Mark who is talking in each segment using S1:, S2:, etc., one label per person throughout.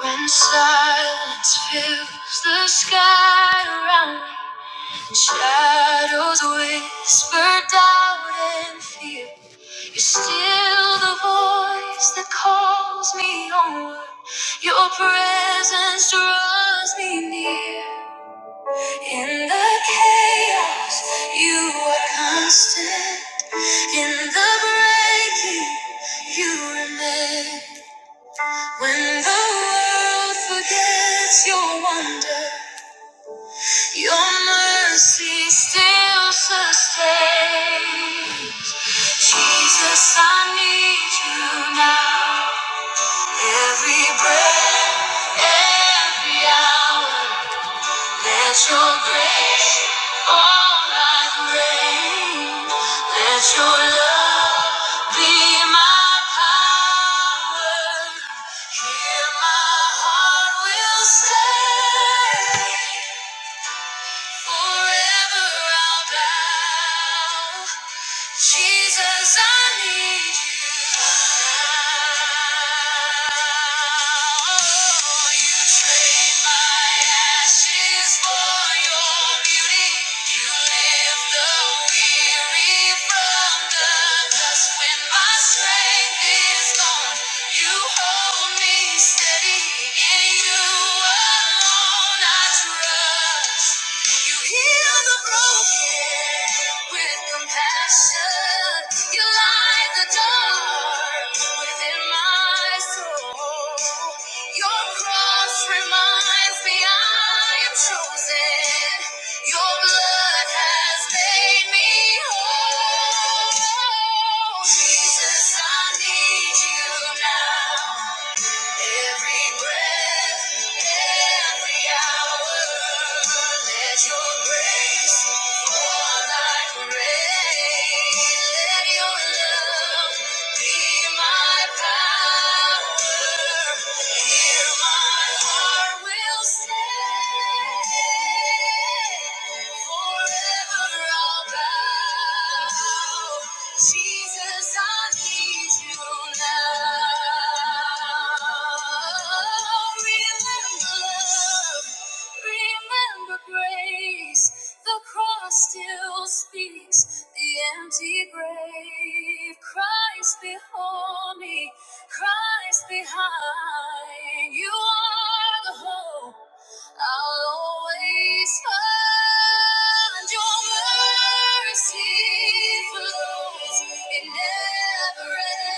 S1: When silence fills the sky around me, and shadows whisper doubt and fear, you're still the voice that calls me onward. Your presence draws me near. In the chaos, you are constant. In the breaking, you remain. When the world forgets your wonder. Your mercy still sustains. Jesus, I need you now. Every breath, every hour, let your grace fall like rain. Let your love be my power. Here my heart will stay. Forever I'll bow. Jesus, I need you. now. You trade my ashes for your beauty. You lift the weary from the dust. When my strength is gone, you hold me steady. In you alone I trust. You heal the broken with compassion. You light the dark within my soul. Your cross reminds me I am chosen. Your blood has made me whole. Jesus, I need you now. Every breath, every hour, let your grace fall like rain. Let your love be my power. Here my heart will stay. Forever I'll bow. Jesus, I need you. Remember grace, the cross still speaks, the empty grave. Christ before me, Christ behind. You are the hope. I'll always find your mercy flows. It never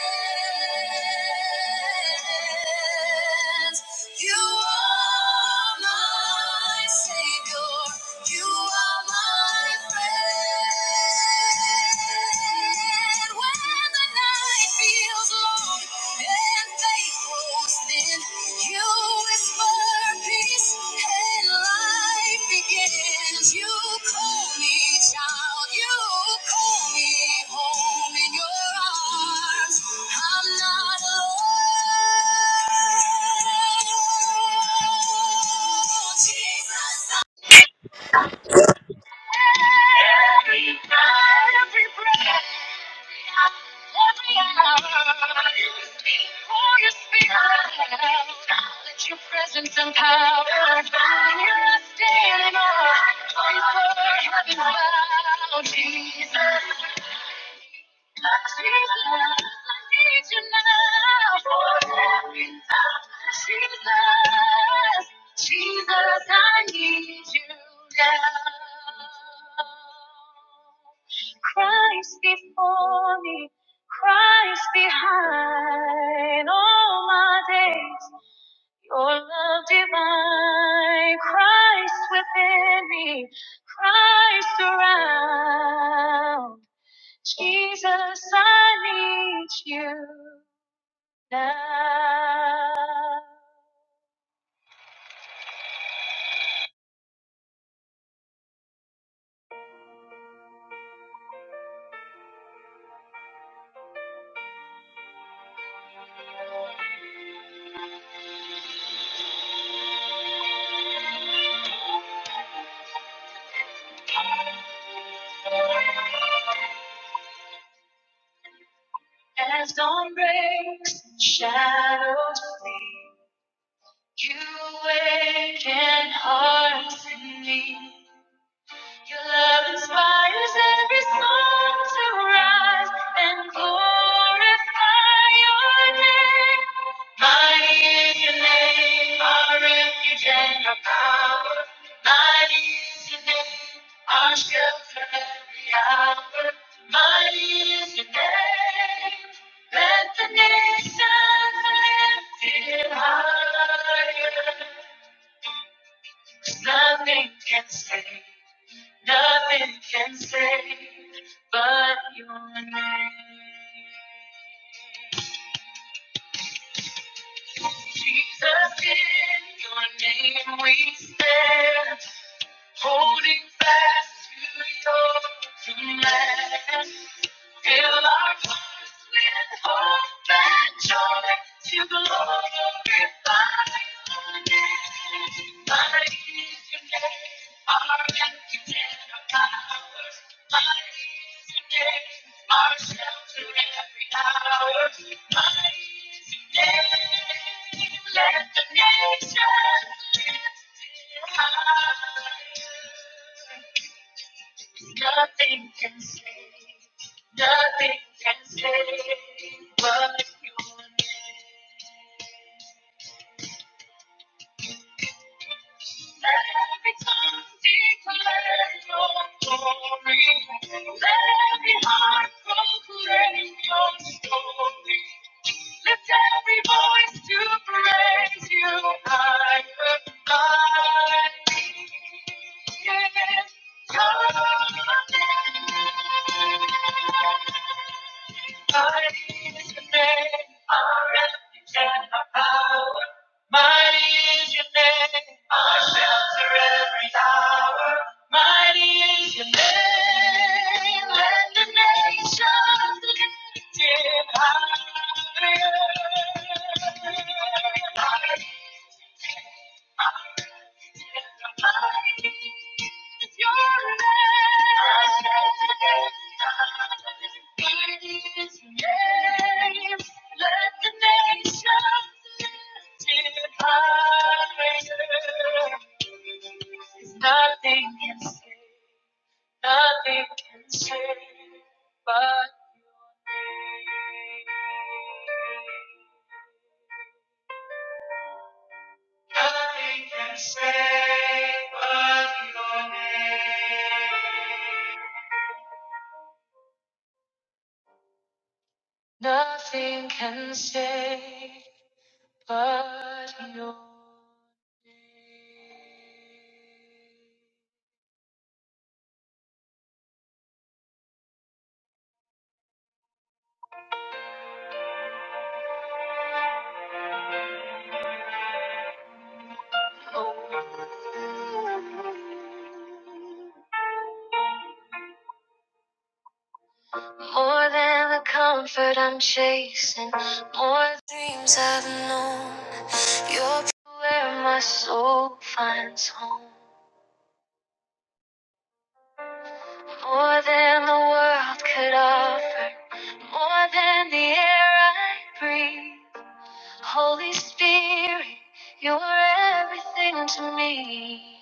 S1: ends. You are my savior. You are my friend. When the it feels long and faithful, then you whisper peace and life begins. You call me child, you call me home in your arms. I'm not alone. Jesus, every night, every breath, every hour. for your spirit. Let your presence and power. Here I stand in awe. For Your word, heaven bound, Jesus. Jesus, I need you now. Christ before me, Christ behind all my days. Your love divine, Christ within me, Christ around. Jesus, I need you now. As dawn breaks, shadows flee, you awaken hearts in me. Your love inspires every soul to rise and glorify your name. Mighty is your name, our refuge and our power. Mighty is your name, our shelter every hour. Mighty is your name. Let the nations lift it higher. Nothing can stay. Nothing can save but your name. Jesus, in your name we stand, holding fast to your command. Fill our hearts with hope and joy to glorify your name. Mighty is your name, our refuge and our power. Mighty is your name, our shelter in every hour. Mighty is your name, let the nations lift it high. Nothing can save, nothing can save but your name. Every tongue declare your glory. Every heart proclaim your story. Lift every voice to praise you higher, higher. Yeah, your name. Mighty is your name, our refuge and our power. Mighty is your name, our shelter every hour. Mighty is your name, let the nations lift it higher. Mighty is your name, our refuge and our mighty. Nothing can say, nothing can say, but nothing can say, but your name. Nothing can save but your name. More than the comfort I'm chasing, more dreams I've known. You're where my soul finds home. More than the world could offer, more than the air I breathe. Holy Spirit, you're everything to me.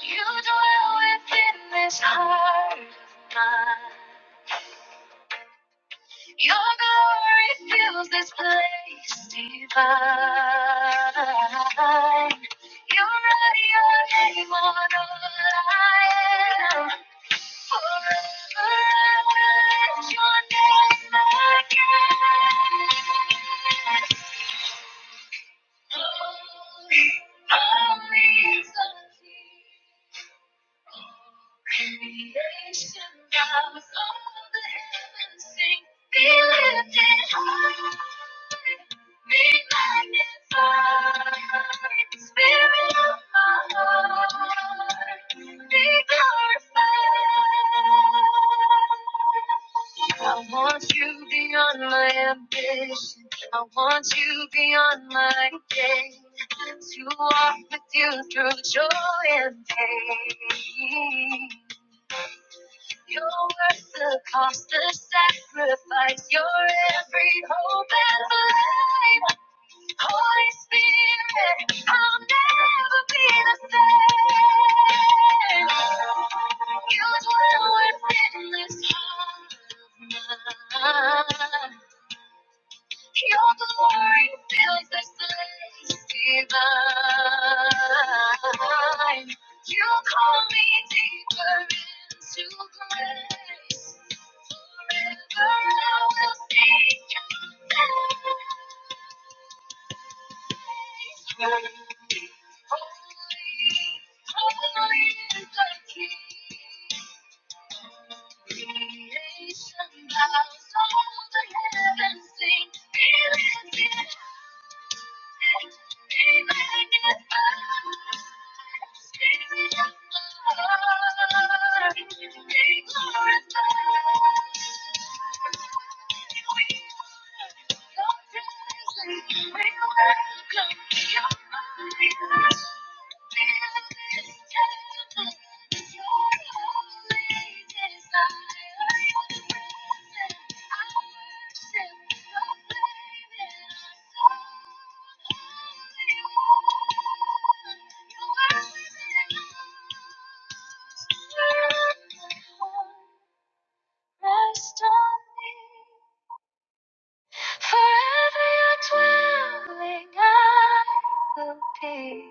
S1: You dwell within this heart of mine. Your glory fills this place divine. You write your name on all I am. Forever I will lift your name again. Holy, holy is the King. Creation now with all the heavens sing, be lifted high, be magnified, Spirit of my heart, be glorified. I want you beyond my ambition. I want you beyond my day to walk with you through joy and pain. You're worth the cost, the sacrifice. You're every hope and flame. Holy Spirit, I'll never be the same. You dwell within this heart of mine. You're the Lord builds the cities divine. You call me deeper into grace. Forever I will seek your face. Holy, holy is the King. Creation bows, all the heavens sing. He lives in Thank you. Rest on me, forever your dwelling I will be.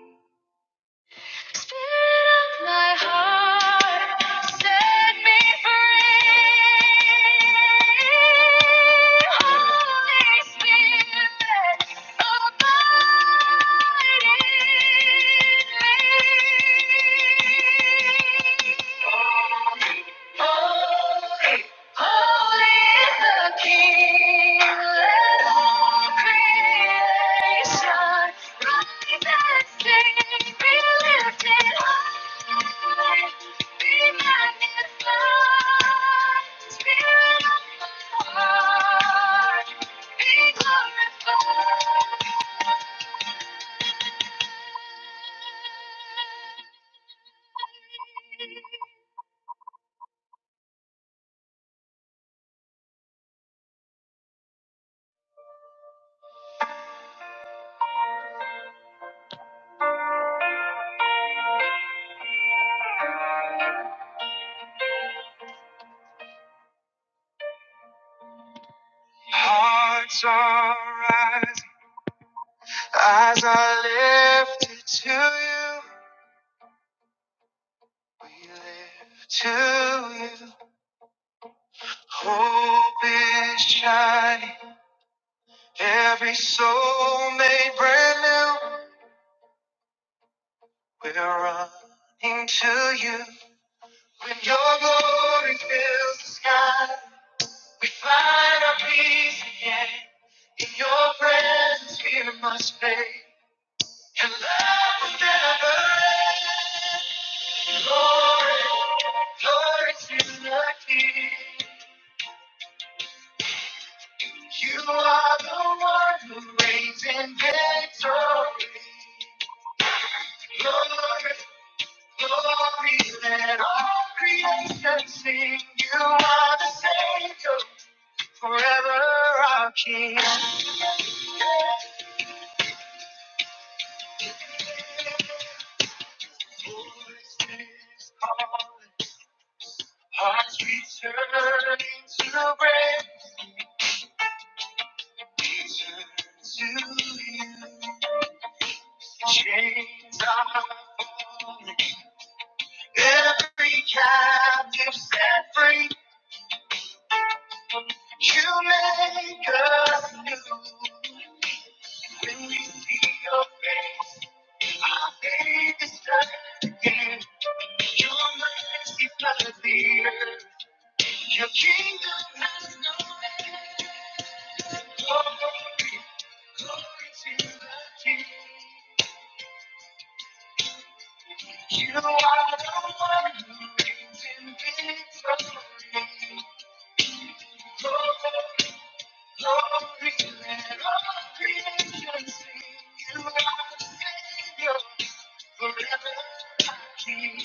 S1: Spirit of my heart, set me free. Holy Spirit, abide in me. Holy is the King. Let creation Be lifted high. Be magnified. Spirit of the Lord, Be glorified. Hearts are rising, eyes are lifted to you. We live to you. Hope is shining. Every soul made brand new. We're running to you. When your glory fills the sky, we find our peace again. In your presence, fear must fade. And love will never end. Glory, glory to the King. You are the one who reigns in victory. Glory, glory, let all creation sing. You are the Savior, forever our King. Voices calling, hearts returning to break. Return to you. Chains are falling, every captive set free. You make us new. When we see your face, our faith is bright again. Your mercy floods the earth. Your kingdom has no end. Oh, Glory, glory to the King. You are the one who reigns in victory. Oh, Glory, Glory, let all creation sing. You are the Savior, forever King.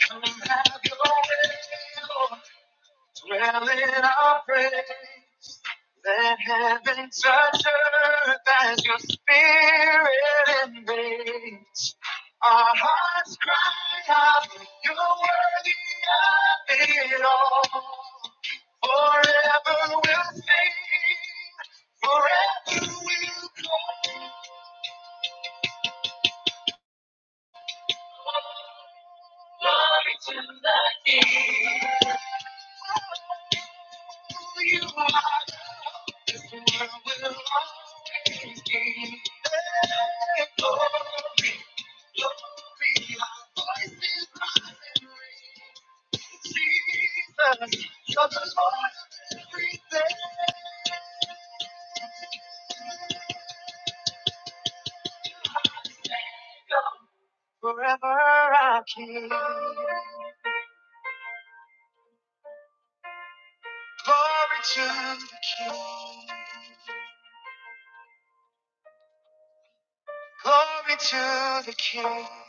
S1: Come and have your way, Lord. Dwell in our praise. Let heaven touch earth as your spirit invades. Our hearts cry out, you're worthy of it all. Forever we'll sing, forever we'll call. Glory to the King. Forever our King, glory to the King, glory to the King.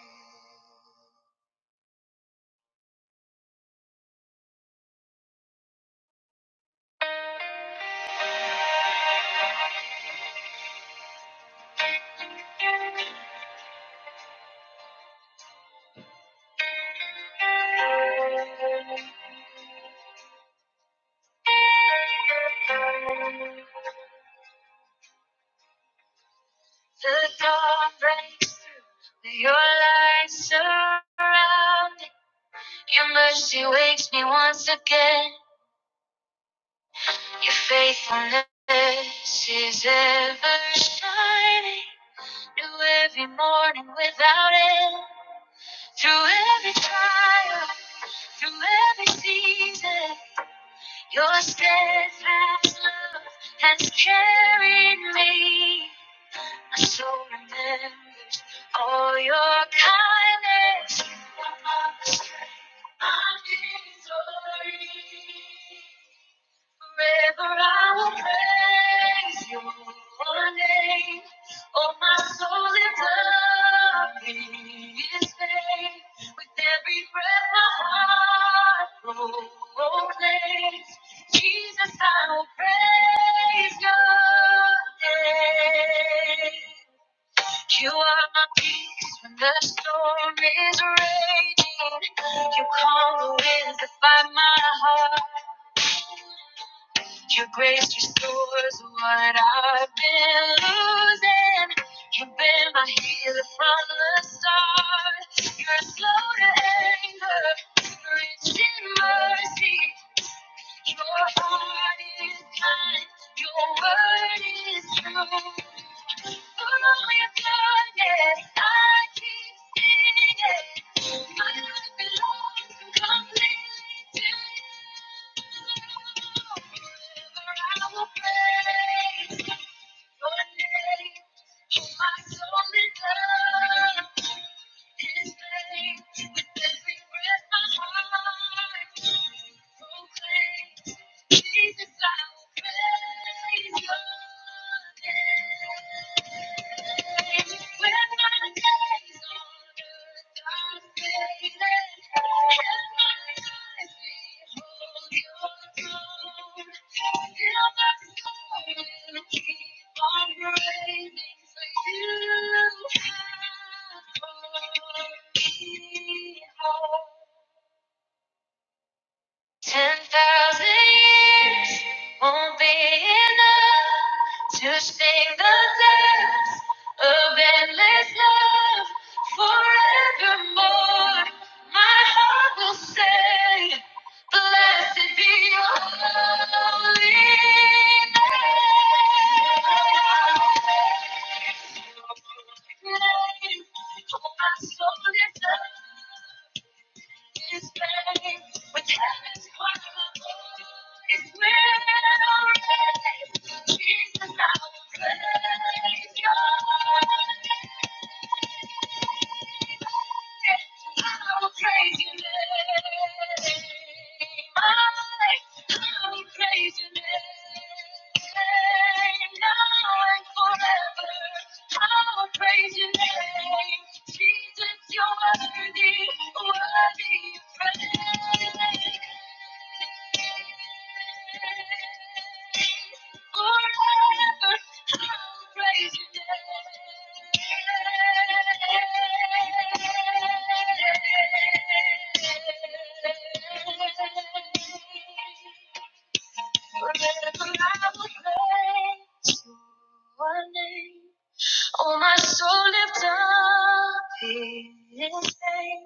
S1: The dawn breaks through, your light surrounding. Your mercy wakes me once again. Your faithfulness is ever shining. New every morning without end. Through every trial, through every season, your steadfast love has carried me. My soul remembers all your kindness. Forever I will praise your name. Oh, my soul is loving his name. With every breath my heart proclaims, Jesus, I will praise your name. You are my peace when the storm is raging. You calm the wind to fight my heart. Your grace restores what I've been losing. You've been my healer from the start. You're slow to anger, rich in mercy. Your heart is kind, your word is true. I Thank you. Your name, hold my soul in love. His name, with every breath my heart will proclaim. Jesus, I will praise Your name. When my days on earth are fading, and my eyes behold Your throne, I'll hear more. Blessed be holy name. my soul lifts up his name. With heaven's choir above, his Jesus, I will praise your Jesus, you're worthy, worthy of praise. Forever I will praise your name. Oh, my soul lift up his name.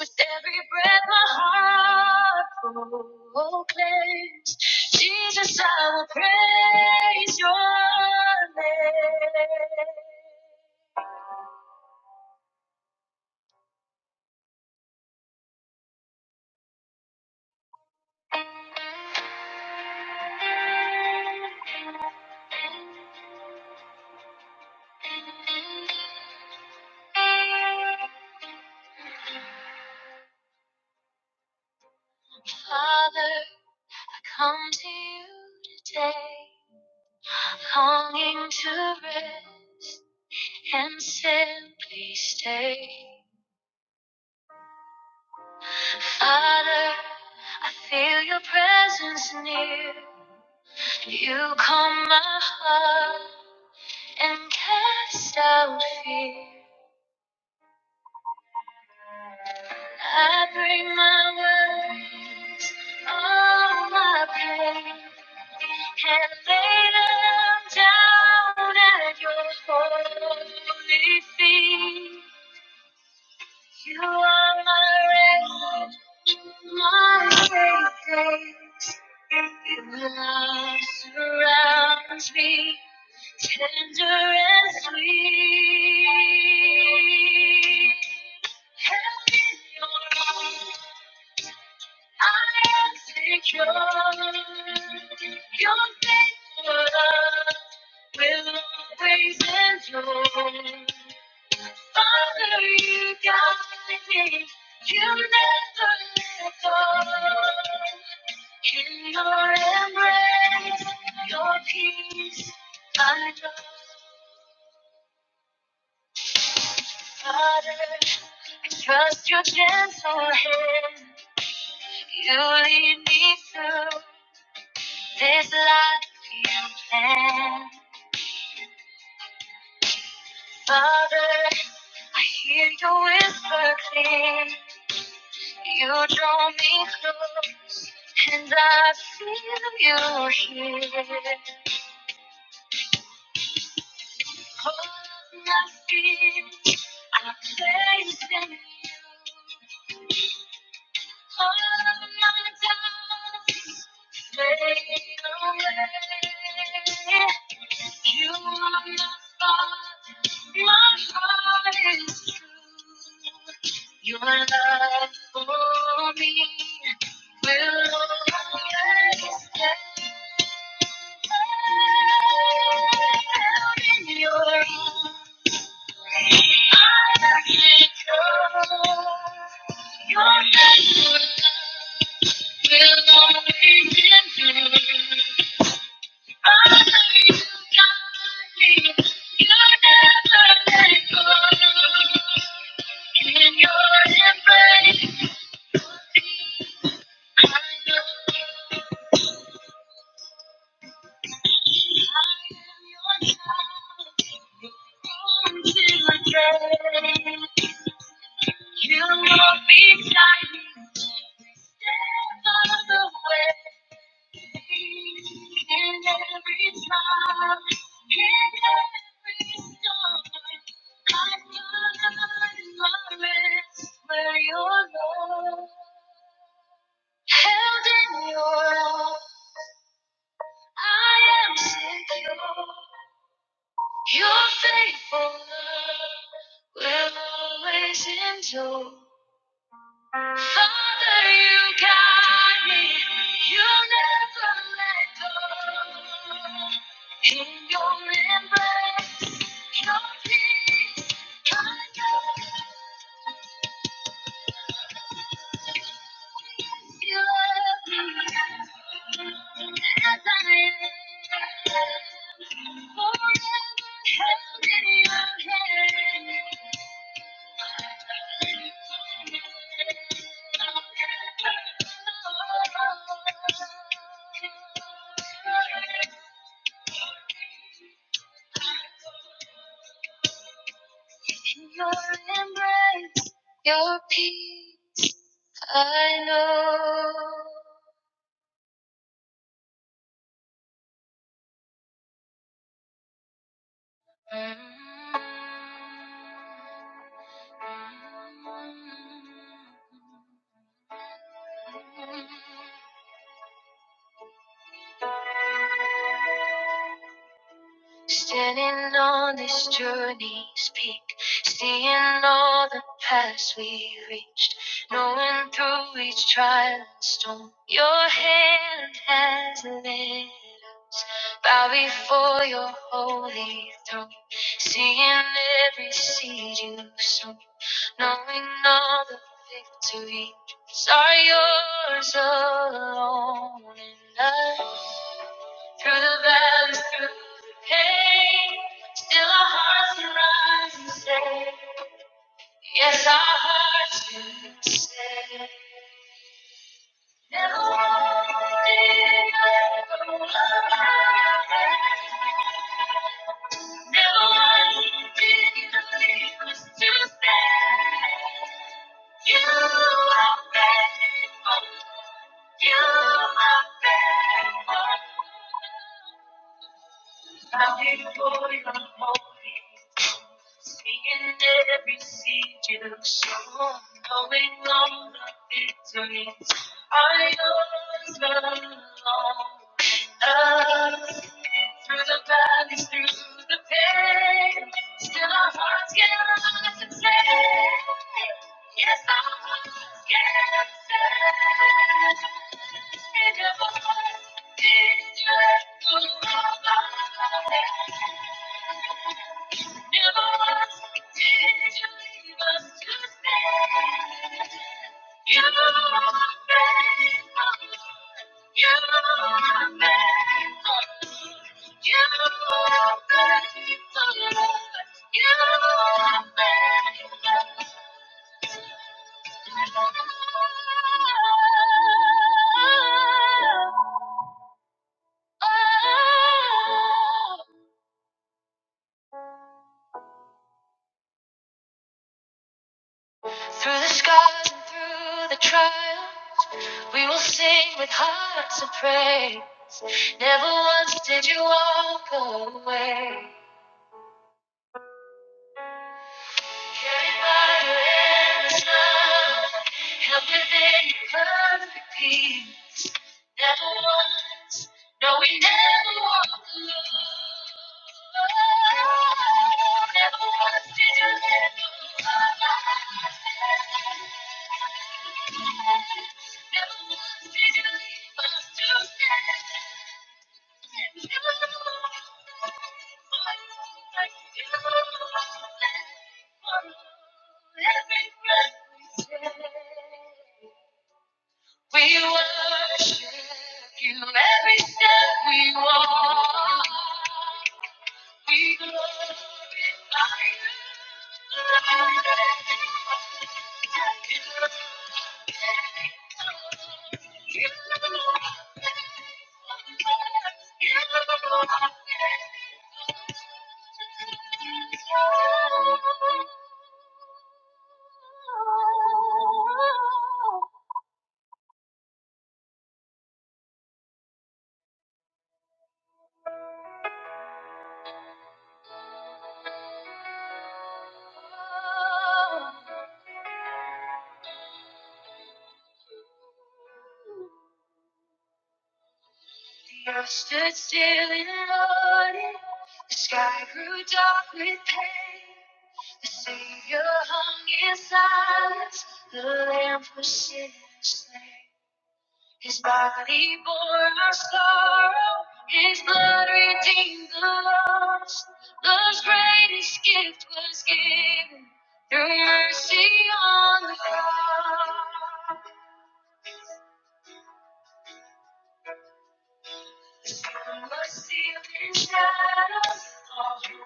S1: With every breath my heart proclaims, Jesus, I will praise your name. Father, I come to you today, longing to rest and simply stay. Father, I feel your presence near. You calm my heart and cast out fear. I bring my worries, all my pain, and I'm down at your holy feet. You are in my Savior, Your love surrounds me, tender and sweet. Trust your gentle hand, you lead me through. This life you plan, Father, I hear your whisper clear. You draw me close, and I feel you here. All of my fears I place in you. All of my doubts fade away. You are my father, my heart is true. Your love for me is steadfast. I can't go. Your faithful love will always endure. I know you got me. You never let go. In your embrace. You won't be silent every step out of the way. In every trial, in every storm, I find my rest where your love. You love me as I am. Still on this journey's peak, seeing all the paths we reached, knowing through each trial and storm, your hand has led us. Bow before your holy throne, seeing every seed you've sown, knowing all the victories are yours alone. And I through the valleys, through the pain, still our hearts can rise and say, Yes, our hearts can rise. Never once did you leave us to stand. You are faithful. Standing for your hope. Seeing every seed you sow, knowing all the victories I overcome. Through the valleys, through the pain, still our hearts cannot sustain. Never was. did you go away. Never was did you leave us to stay. You are faithful. You are faithful. You are faithful, Lord. You are faithful. Through the scars and through the trials, we will sing with hearts of praise. Never once did you walk away. Carried by your endless love, held within your perfect peace. Never once, no, we never walk alone. Never once did you let go of my hand. Never once did you leave us to stand. You were the one like you were the one. every breath we take. We worship you every step we walk. We glorify you.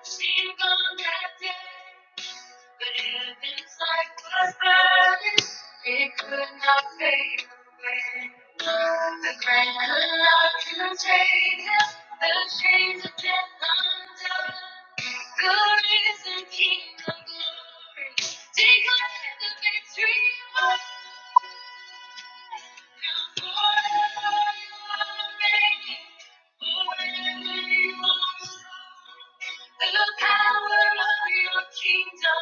S1: Sing on that But if this life was burning, it could not fade away. The grave could not contain him. The chains of death undone. Good is the King of glory. Declare the victory. The power of your kingdom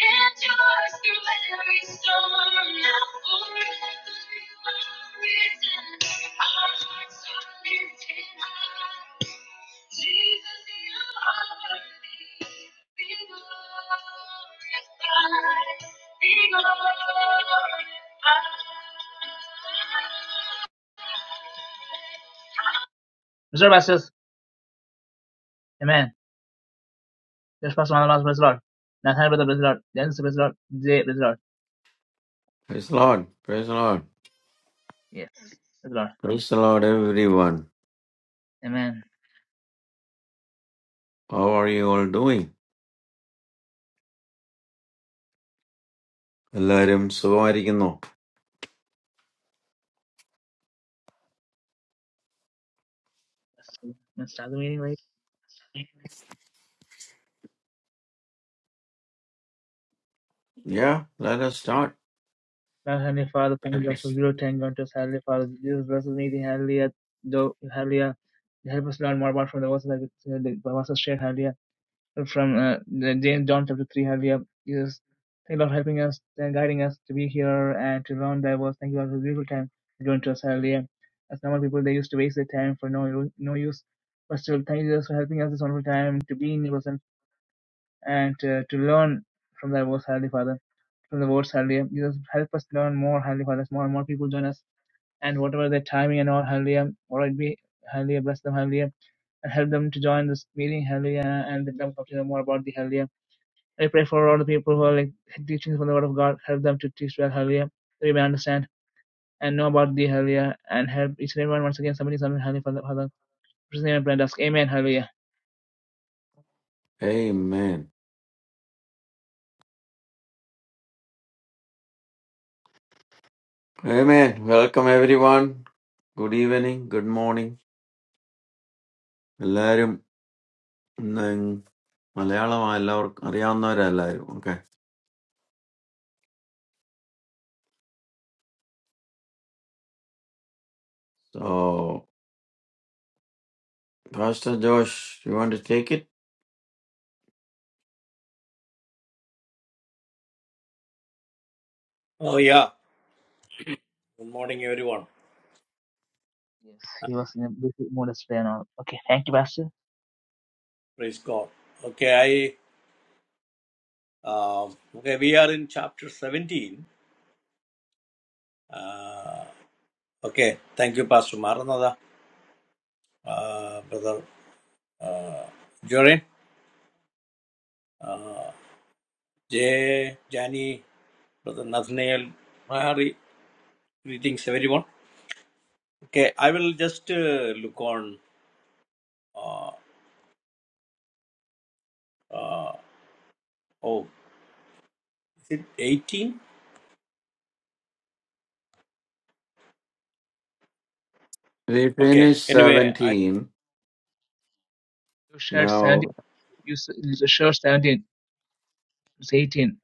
S1: endures through every storm. Now forever you are risen. Our hearts are lifted high. Jesus, you are worthy. Be glorified. Be glorified. Mr. Pastors, Amen. Just pass. Nathaniel, brother, praise the Lord. James, praise the Lord. Jay, praise the Lord.
S2: Praise the Lord. Praise the Lord.
S1: Yeah, praise the Lord.
S2: Praise the Lord, everyone.
S1: Amen.
S2: How are you all doing? എല്ലാവരും സുഖമായിരിക്കുന്നു
S1: Let's start the meeting, right?
S2: Yeah, let us start.
S1: Now, Heavenly Father, thank you, Lord, for zero ten contest. Heavenly Father, Jesus bless this meeting. Hallelujah. Though, hallelujah. Help us learn more about from the verses that we- the verses shared. Hallelujah. from uh, James John chapter 3 how we have here is thank you Lord for helping us and guiding us to be here and to learn that was thank you Lord for the beautiful time to join to us Hallelujah! as normal people they used to waste their time for no no use but still thank you Jesus for helping us this wonderful time to be in your presence and uh, to learn from that was Hallelujah! Father from the words Hallelujah Jesus help us learn more Hallelujah! Father more and more people join us and whatever their timing and all Hallelujah all right be Hallelujah bless them Hallelujah and help them to join this meeting Hallelujah and then come to know more about the Hallelujah I pray for all the people who are like teaching from the Word of God. Help them to teach well, hallelujah. That we may understand and know about thee, hallelujah. And help each and everyone once again somebody something, hallelujah, Father. Father. His name and pray ask, Amen, hallelujah.
S2: Amen. Amen. Welcome everyone. Good evening. Good morning. എല്ലാവരും ഇന്ന് മലയാളം എല്ലാവർക്കും അറിയാവുന്നവരെല്ലാവരും Okay. So, Pastor Josh, you want to take it?
S3: Oh yeah. Good morning, everyone.
S1: Yes, he was in a big mood yesterday and all. Okay, thank you, Pastor.
S3: Praise God. Okay, I um, okay. We are in chapter seventeen. Uh, okay. Thank you, Pastor Maranatha, uh, brother uh, Jorin, uh, Jay, Jani, brother Nathaniel, Mary. Greetings, everyone. Okay, I will just uh, look on. Uh, uh, oh, is it eighteen?
S2: We
S3: Okay.
S2: finished
S3: Anyway, I
S2: 17.
S1: You shared
S2: Now
S1: 17, you s- you shared 17, it's 18.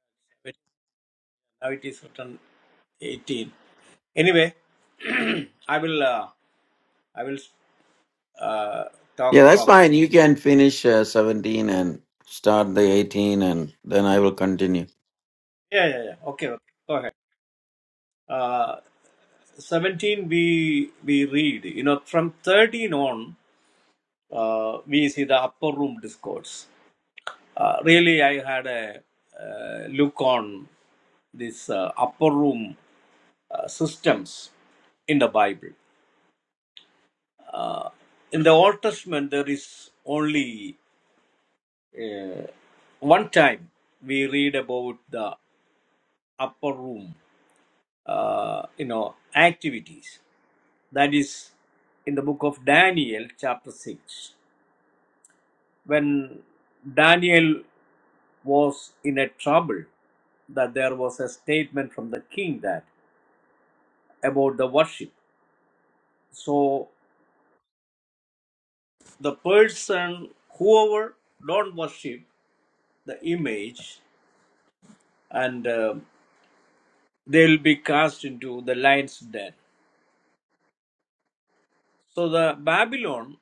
S3: now it is written eighteen. Anyway, I will. Uh, I will uh,
S2: Yeah,
S3: talk
S2: that's
S3: from.
S2: fine. You can finish uh, 17 and start the 18, and then I will continue.
S3: Yeah, yeah, yeah. Okay, okay. Go ahead. Uh, 17 we we read. You know, from 13 on, uh, we see the upper room discourse. Uh, really, I had a uh, look on this uh, upper room uh, systems in the Bible. Uh, in the Old Testament, there is only uh, one time we read about the upper room uh, you know activities that is in the book of daniel chapter 6 when daniel was in a trouble that there was a statement from the king that about the worship so the person whoever don't worship the image and uh, they'll be cast into the lion's den so the babylon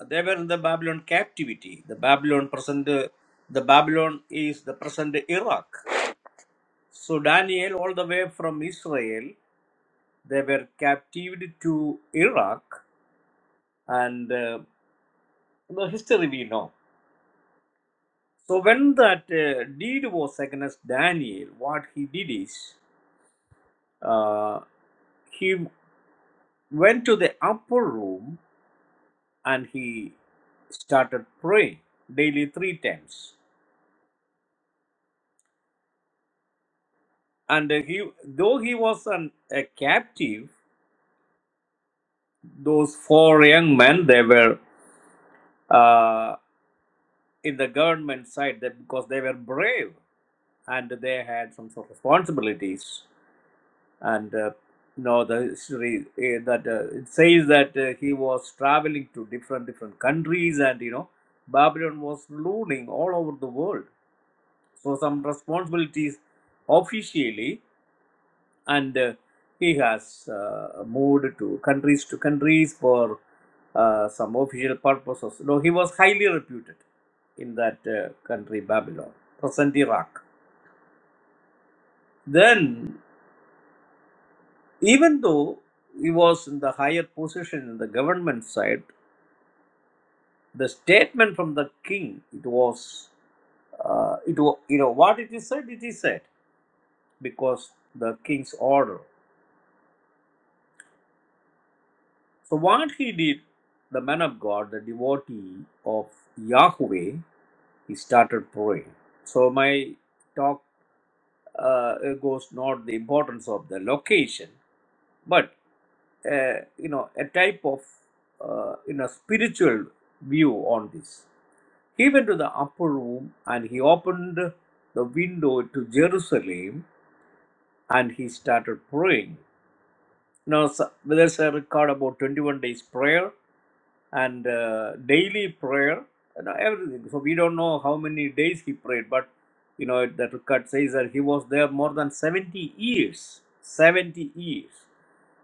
S3: They were in the Babylon captivity. The Babylon present, the Babylon is the present Iraq. So Daniel, all the way from Israel, they were captivated to Iraq, and uh, the history we know. So when that uh, deed was against Daniel, what he did is uh, he went to the upper room and he started praying daily three times. And uh, he, though he was an, a captive, those four young men they were uh, in the government side that because they were brave and they had some sort of responsibilities and uh, you know the history uh, that uh, it says that uh, he was traveling to different different countries and you know babylon was ruling all over the world so some responsibilities officially and uh, he has uh, moved to countries to countries for uh, some official purposes. No, he was highly reputed in that uh, country, Babylon, present Iraq. Then, even though he was in the higher position in the government side, the statement from the king it was uh, it wa- you know what it is said it is said because the king's order So, what he did, the man of God, the devotee of Yahweh, he started praying. So, my talk uh, goes not the importance of the location, but uh, you know a type of uh, you know spiritual view on this. He went to the upper room and he opened the window to Jerusalem and he started praying. Now so- there's a record about 21 days prayer and uh, daily prayer you know everything. So we don't know how many days he prayed, but you know that record says that he was there more than 70 years. 70 years.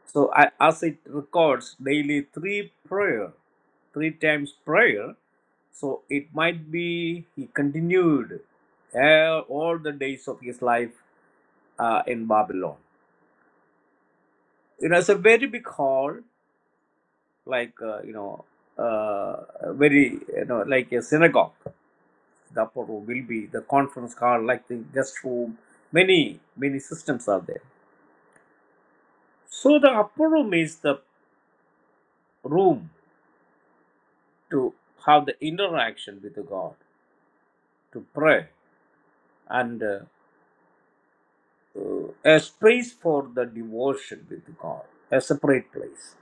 S3: So I, as it records daily three prayer, three times prayer. So it might be he continued uh, all the days of his life uh, in Babylon. You know, it's a very big hall, like uh, you know, uh, very you know, like a synagogue the upper room will be the conference hall, like the guest room. Many, many systems are there. So the upper room is the room to have the interaction with the God, to pray, and uh, uh, a space for the devotion with God, a separate place.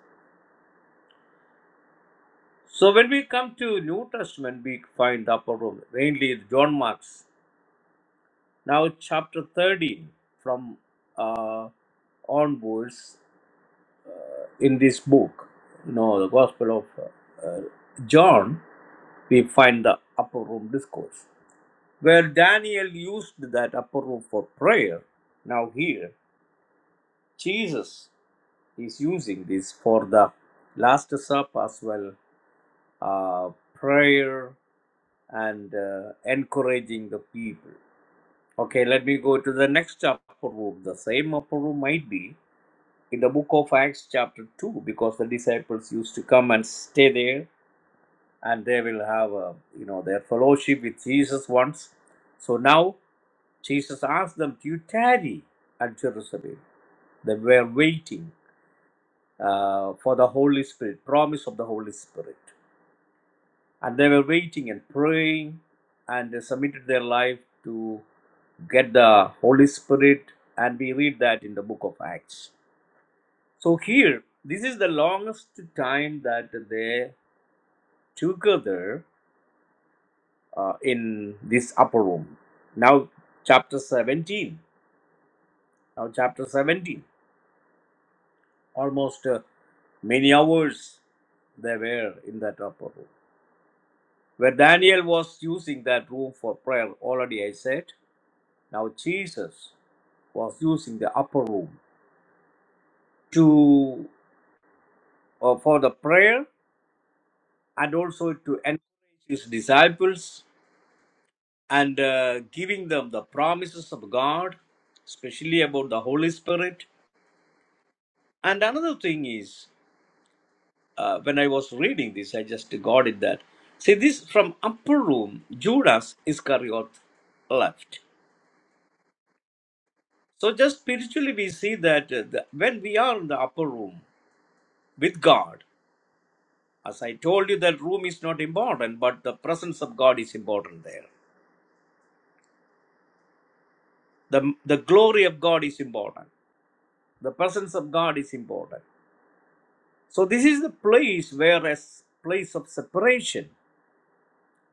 S3: So when we come to New Testament, we find the upper room, mainly John Mark's. Now chapter 13 from uh, onwards, in this book, you know, the Gospel of uh, uh, John, we find the upper room discourse. Where Daniel used that upper room for prayer, now here, Jesus is using this for the Last Supper as well, uh, prayer and uh, encouraging the people. Okay, let me go to the next upper room. The same upper room might be in the book of Acts, chapter 2, because the disciples used to come and stay there and they will have uh, you know their fellowship with jesus once so now jesus asked them to tarry at jerusalem they were waiting uh, for the holy spirit promise of the holy spirit and they were waiting and praying and they submitted their life to get the holy spirit and we read that in the book of acts so here this is the longest time that they together uh, in this upper room. Now, chapter 17. Now, chapter 17. Almost uh, many hours they were in that upper room. Where Daniel was using that room for prayer, already I said. Now, Jesus was using the upper room to uh, for the prayer and also to encourage his disciples and uh, giving them the promises of God, especially about the Holy Spirit And another thing is, uh, when I was reading this, I just got it that. See, this from upper room, Judas Iscariot left. So, just spiritually, we see that uh, the, when we are in the upper room with God, as I told you, that room is not important, but the presence of God is important there. The, the glory of God is important. The presence of God is important. So, this is the place where a s- place of separation,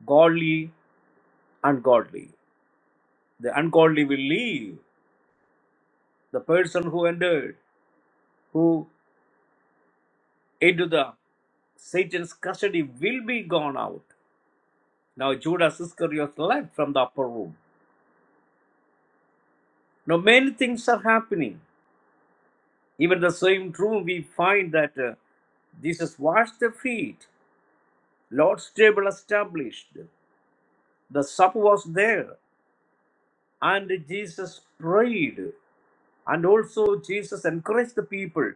S3: godly, ungodly. The ungodly will leave. The person who entered, who into the Satan's custody will be gone out. Now Judas Iscariot left from the upper room. Now many things are happening. Even the same room we find that uh, Jesus washed the feet. Lord's table established. The supper was there. And Jesus prayed. And also Jesus encouraged the people.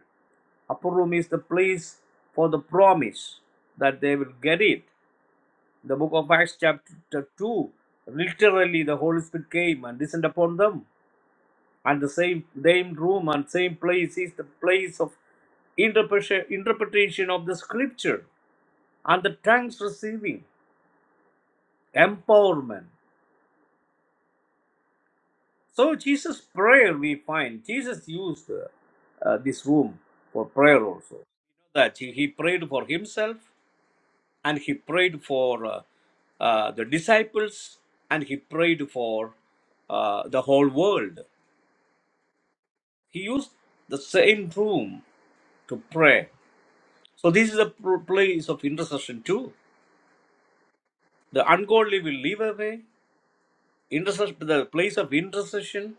S3: Upper room is the place for the promise that they will get it. In The book of Acts, chapter 2, literally the Holy Spirit came and descended upon them. And the same, same room and same place is the place of interpretation interpretation of the scripture and the tongues receiving empowerment. So, Jesus' prayer we find, Jesus used uh, uh, this room for prayer also. That he, he prayed for himself and he prayed for uh, uh, the disciples and he prayed for uh, the whole world. He used the same room to pray. So, this is a pr- place of intercession too. The ungodly will leave away, intercession, the place of intercession,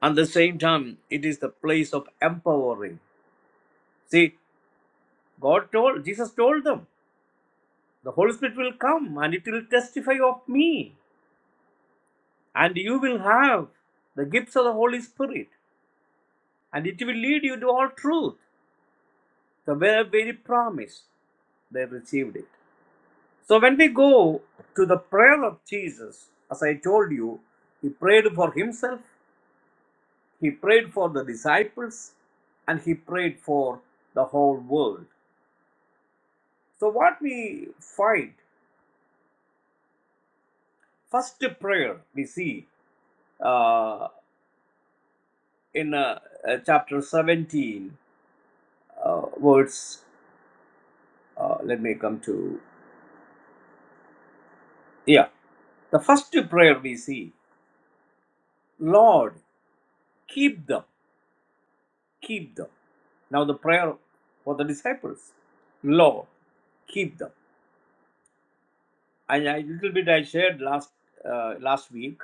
S3: and the same time, it is the place of empowering. See, God told, Jesus told them, the Holy Spirit will come and it will testify of me, and you will have the gifts of the Holy Spirit. and it will lead you to all truth, the very, very promise they received it. So when we go to the prayer of Jesus, as I told you, he prayed for himself, he prayed for the disciples, and he prayed for the whole world. So what we find, first prayer we see uh, in uh, uh, chapter 17, uh, words, uh, let me come to, yeah, the first prayer we see, Lord. Keep them, keep them. Now the prayer for the disciples, Lord, keep them. And a little bit I shared last uh, last week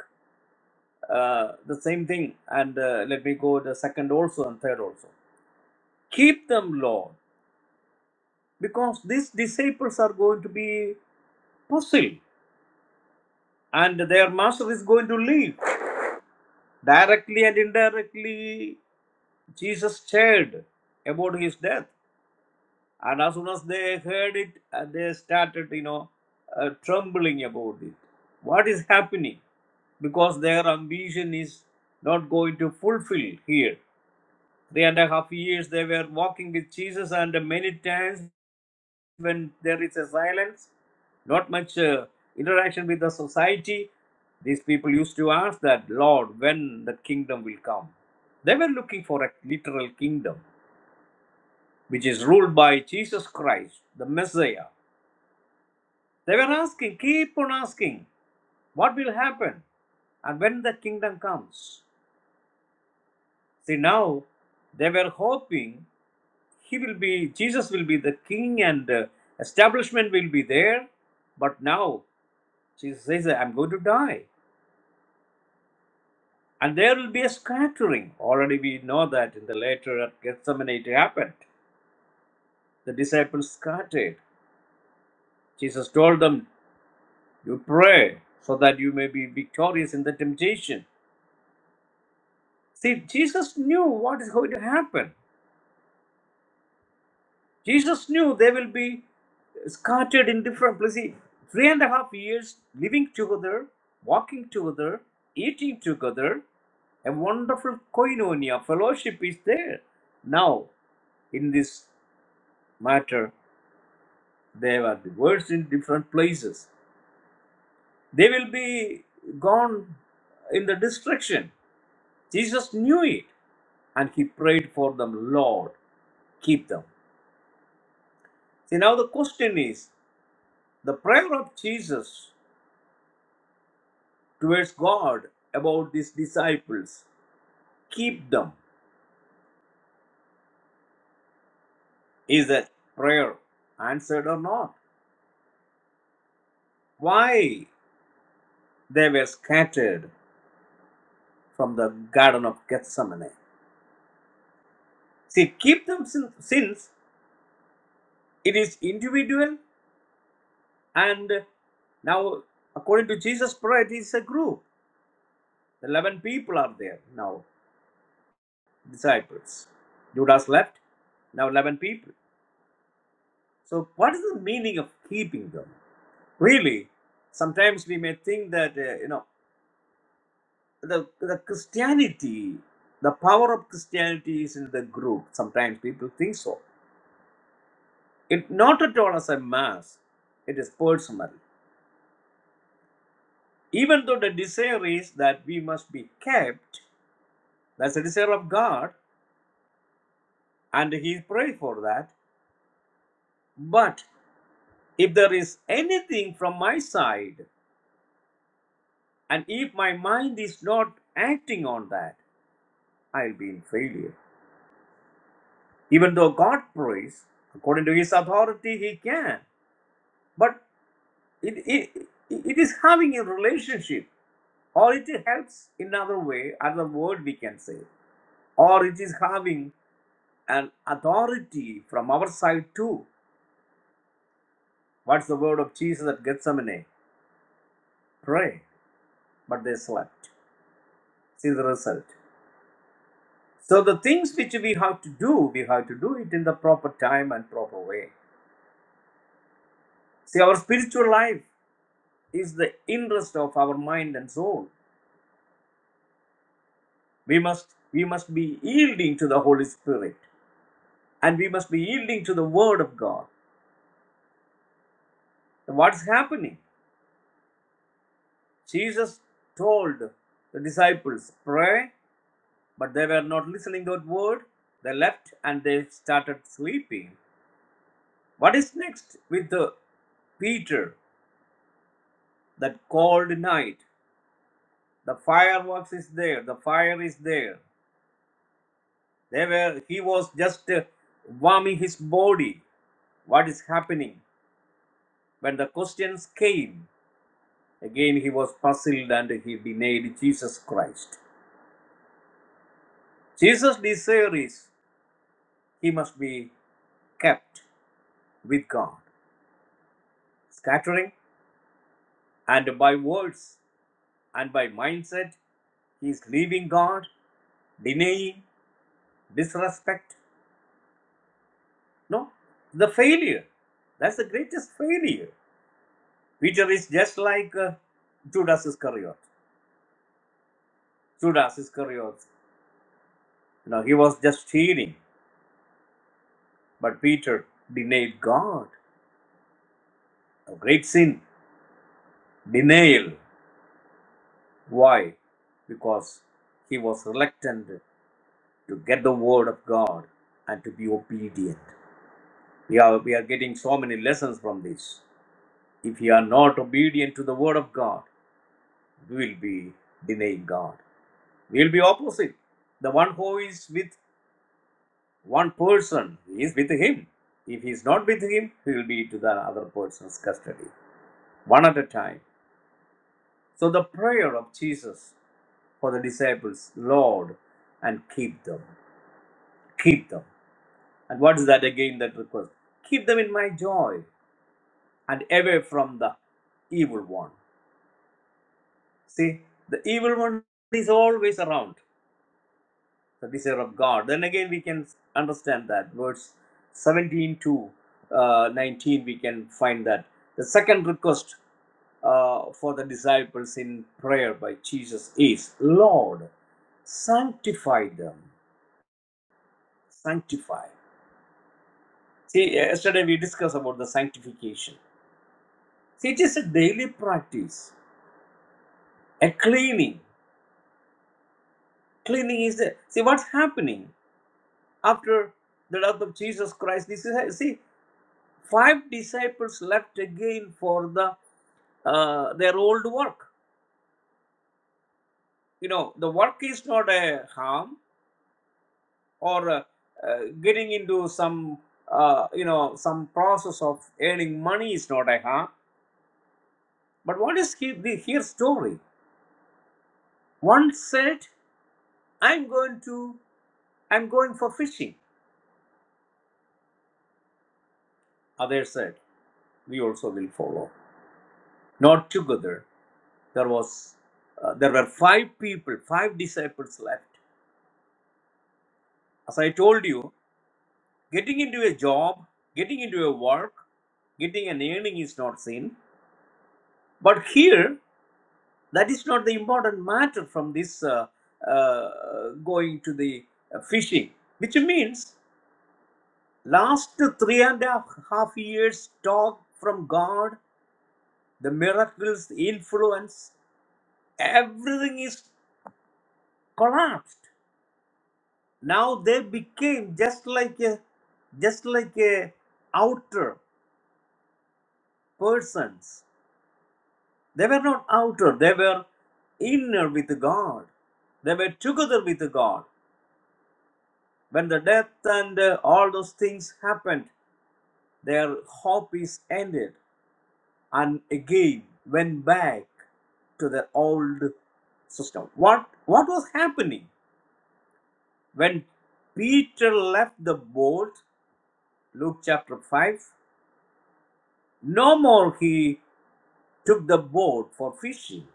S3: uh, the same thing, and uh, let me go the second also and third also. Keep them, Lord, because these disciples are going to be puzzled, and their master is going to leave directly and indirectly. Jesus shared about his death And as soon as they heard it, uh, they started, you know, uh, trembling about it. What is happening? Because their ambition is not going to fulfill here. Three and a half years they were walking with Jesus, and many times when there is a silence, not much uh, interaction with the society, these people used to ask that, Lord, when the kingdom will come. They were looking for a literal kingdom which is ruled by Jesus Christ, the Messiah. They were asking, keep on asking, what will happen and when the kingdom comes. See, now they were hoping he will be, Jesus will be the king and uh, establishment will be there. But now Jesus says, I'm going to die. And there will be a scattering. Already we know that in the later at Gethsemane it happened. The disciples scattered. Jesus told them, You pray so that you may be victorious in the temptation. See, Jesus knew what is going to happen. Jesus knew they will be scattered in different places. See, Three and a half years living together, walking together, eating together. A wonderful koinonia, fellowship is there. Now, in this matter, they were divorced in different places. They will be gone in the destruction. Jesus knew it and he prayed for them, Lord, keep them. See, now the question is the prayer of Jesus towards God about these disciples, keep them, is that prayer answered or not? Why they were scattered from the Garden of Gethsemane? See, keep them sin- since it is individual and now, according to Jesus' prayer, it is a group. 11 people are there now, disciples. Judas left, now 11 people. So, what is the meaning of keeping them? Really, sometimes we may think that uh, you know the the Christianity, the power of Christianity is in the group. Sometimes people think so. It not at all as a mass. It is personal. Even though the desire is that we must be kept, that's a desire of God, and He prays for that. But if there is anything from my side, and if my mind is not acting on that, I'll be in failure. Even though God prays, according to his authority, he can. But it, it, it is having a relationship, or it helps in other way, other word we can say, or it is having an authority from our side too. What's the word of Jesus at Gethsemane? Pray, but they slept. See the result. So the things which we have to do, we have to do it in the proper time and proper way. See, our spiritual life is the interest of our mind and soul. we must we must be yielding to the holy spirit and we must be yielding to the word of god what's happening jesus told the disciples pray but they were not listening to that word they left and they started sleeping what is next with the peter that cold night the fireworks is there the fire is there they were he was just uh, warming his body what is happening when the questions came Again, he was puzzled and he denied Jesus Christ. Jesus' desire is he must be kept with God. Scattering and by words and by mindset, he is leaving God, denying, disrespect. No, the failure. That's the greatest failure. Peter is just like uh, Judas Iscariot. Judas Iscariot, you know, he was just stealing, but Peter denied God. A great sin, denial. Why? Because he was reluctant to get the word of God and to be obedient. We are, we are getting so many lessons from this. If you are not obedient to the word of God, we will be denying God. We will be opposite. The one who is with one person he is with him. If he is not with him, he will be to the other person's custody, one at a time. So the prayer of Jesus for the disciples, Lord, and keep them, keep them. And what is that again, that request? Keep them in my joy and away from the evil one. See, the evil one is always around, the desire of God. Then again, we can understand that. Verse 17 to uh, 19, we can find that. The second request uh, for the disciples in prayer by Jesus is Lord, sanctify them. Sanctify. See, yesterday we discussed about the sanctification. See, it is a daily practice, a cleaning. Cleaning is the see what's happening after the death of Jesus Christ. This is see five disciples left again for the uh, their old work. You know, the work is not a harm or uh, uh, getting into some, uh, you know, some process of earning money is not a harm. But what is he, the here story? One said, "I'm going to, I'm going for fishing." Others said. we also will follow. Not together. There was, uh, there were five people, five disciples left. As I told you, getting into a job, getting into a work, getting an earning is not sin. But here, that is not the important matter from this uh, uh, going to the uh, fishing, which means last three and a half years talk from God, the miracles, the influence, everything is collapsed. now they became just like a just like a outer persons they were not outer they were inner with god they were together with god when the death and uh, all those things happened their hope is ended and again went back to their old system what what was happening when peter left the boat luke chapter 5 no more he took the boat for fishing.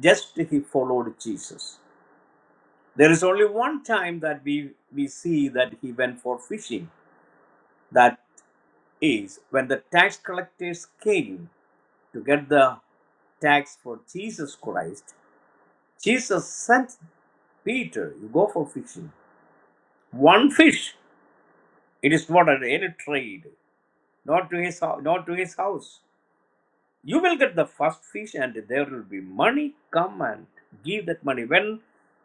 S3: Just he followed Jesus. There is only one time that we, we see that he went for fishing. That is when the tax collectors came to get the tax for Jesus Christ. Jesus sent Peter, You go for fishing. One fish. It is not at any trade, not to his, not to his house. you will get the first fish and there will be money come and give that money when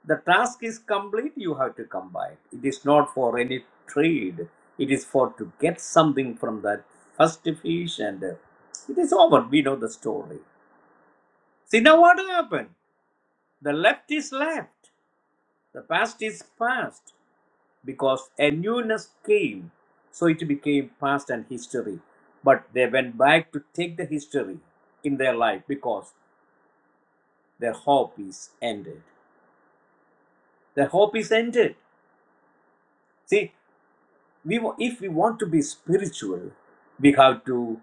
S3: the task is complete you have to come back it is not for any trade it is for to get something from that first fish and uh, it is over we know the story see now what happened the left is left the past is past because a newness came so it became past and history but they went back to take the history in their life because their hope is ended. Their hope is ended. See, we if we want to be spiritual, we have to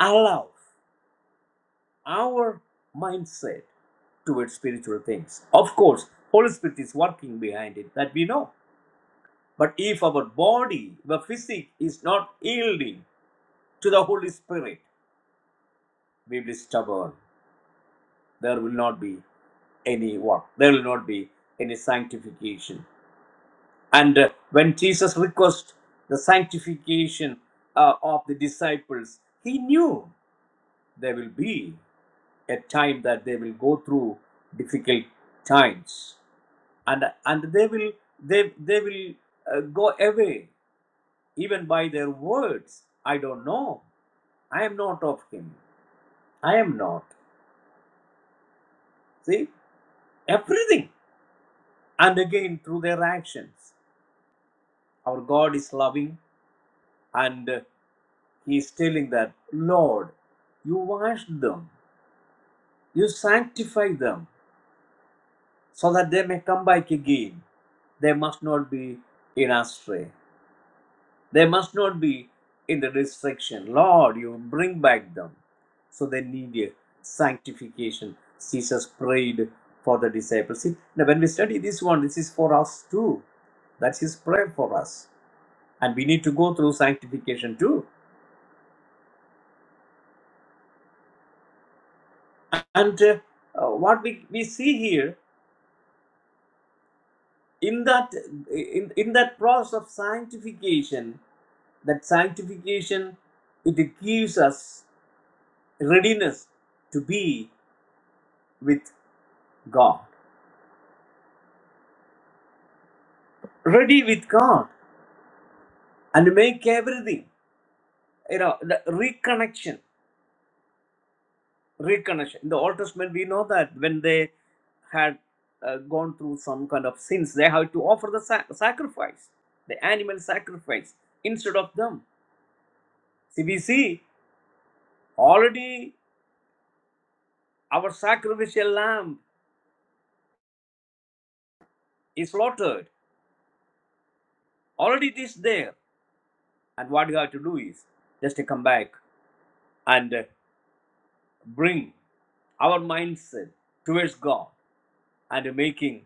S3: allow our mindset towards spiritual things. Of course, Holy Spirit is working behind it, that we know. But if our body, the physique is not yielding to the Holy Spirit, we will be stubborn. There will not be any work. There will not be any sanctification. And uh, when Jesus requests the sanctification uh, of the disciples, he knew there will be a time that they will go through difficult times, and and they will they they will uh, go away even by their words. I don't know. I am not of him. I am not. See everything, and again through their actions. Our God is loving, and. uh, He's telling that, Lord, you wash them, you sanctify them, so that they may come back again. They must not be in astray. They must not be in the destruction. Lord, you bring back them. So they need a sanctification. Jesus prayed for the disciples. See, now when we study this one, this is for us too. That's his prayer for us. And we need to go through sanctification too. And uh, uh, what we, we see here in that in, in that process of sanctification that sanctification it gives us readiness to be with god ready with god and make everything you know the reconnection reconnection in the old testament we know that when they had uh, gone through some kind of sins they had to offer the sa- sacrifice the animal sacrifice instead of them see we see already our sacrificial lamb is slaughtered. Already it is there. And what you have to do is just to come back and uh, bring our mindset towards God and making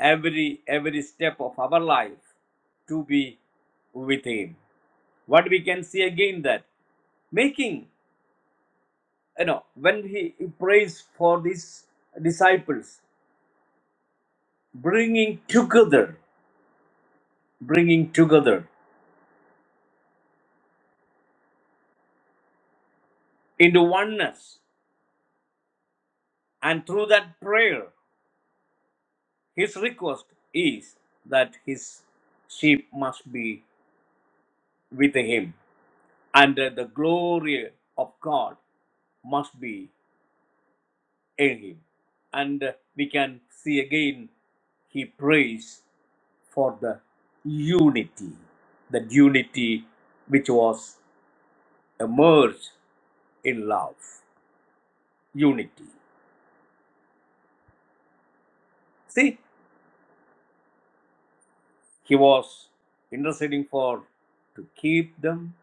S3: every every step of our life to be with Him. What we can see again that making you know when He he prays for these disciples, bringing together, bringing together into oneness, and through that prayer His request is that his sheep must be with him, and uh, the glory of God must be in him. And uh, we can see again he prays for the unity, the unity which was emerged in love. Unity. See, he was interceding for to keep them,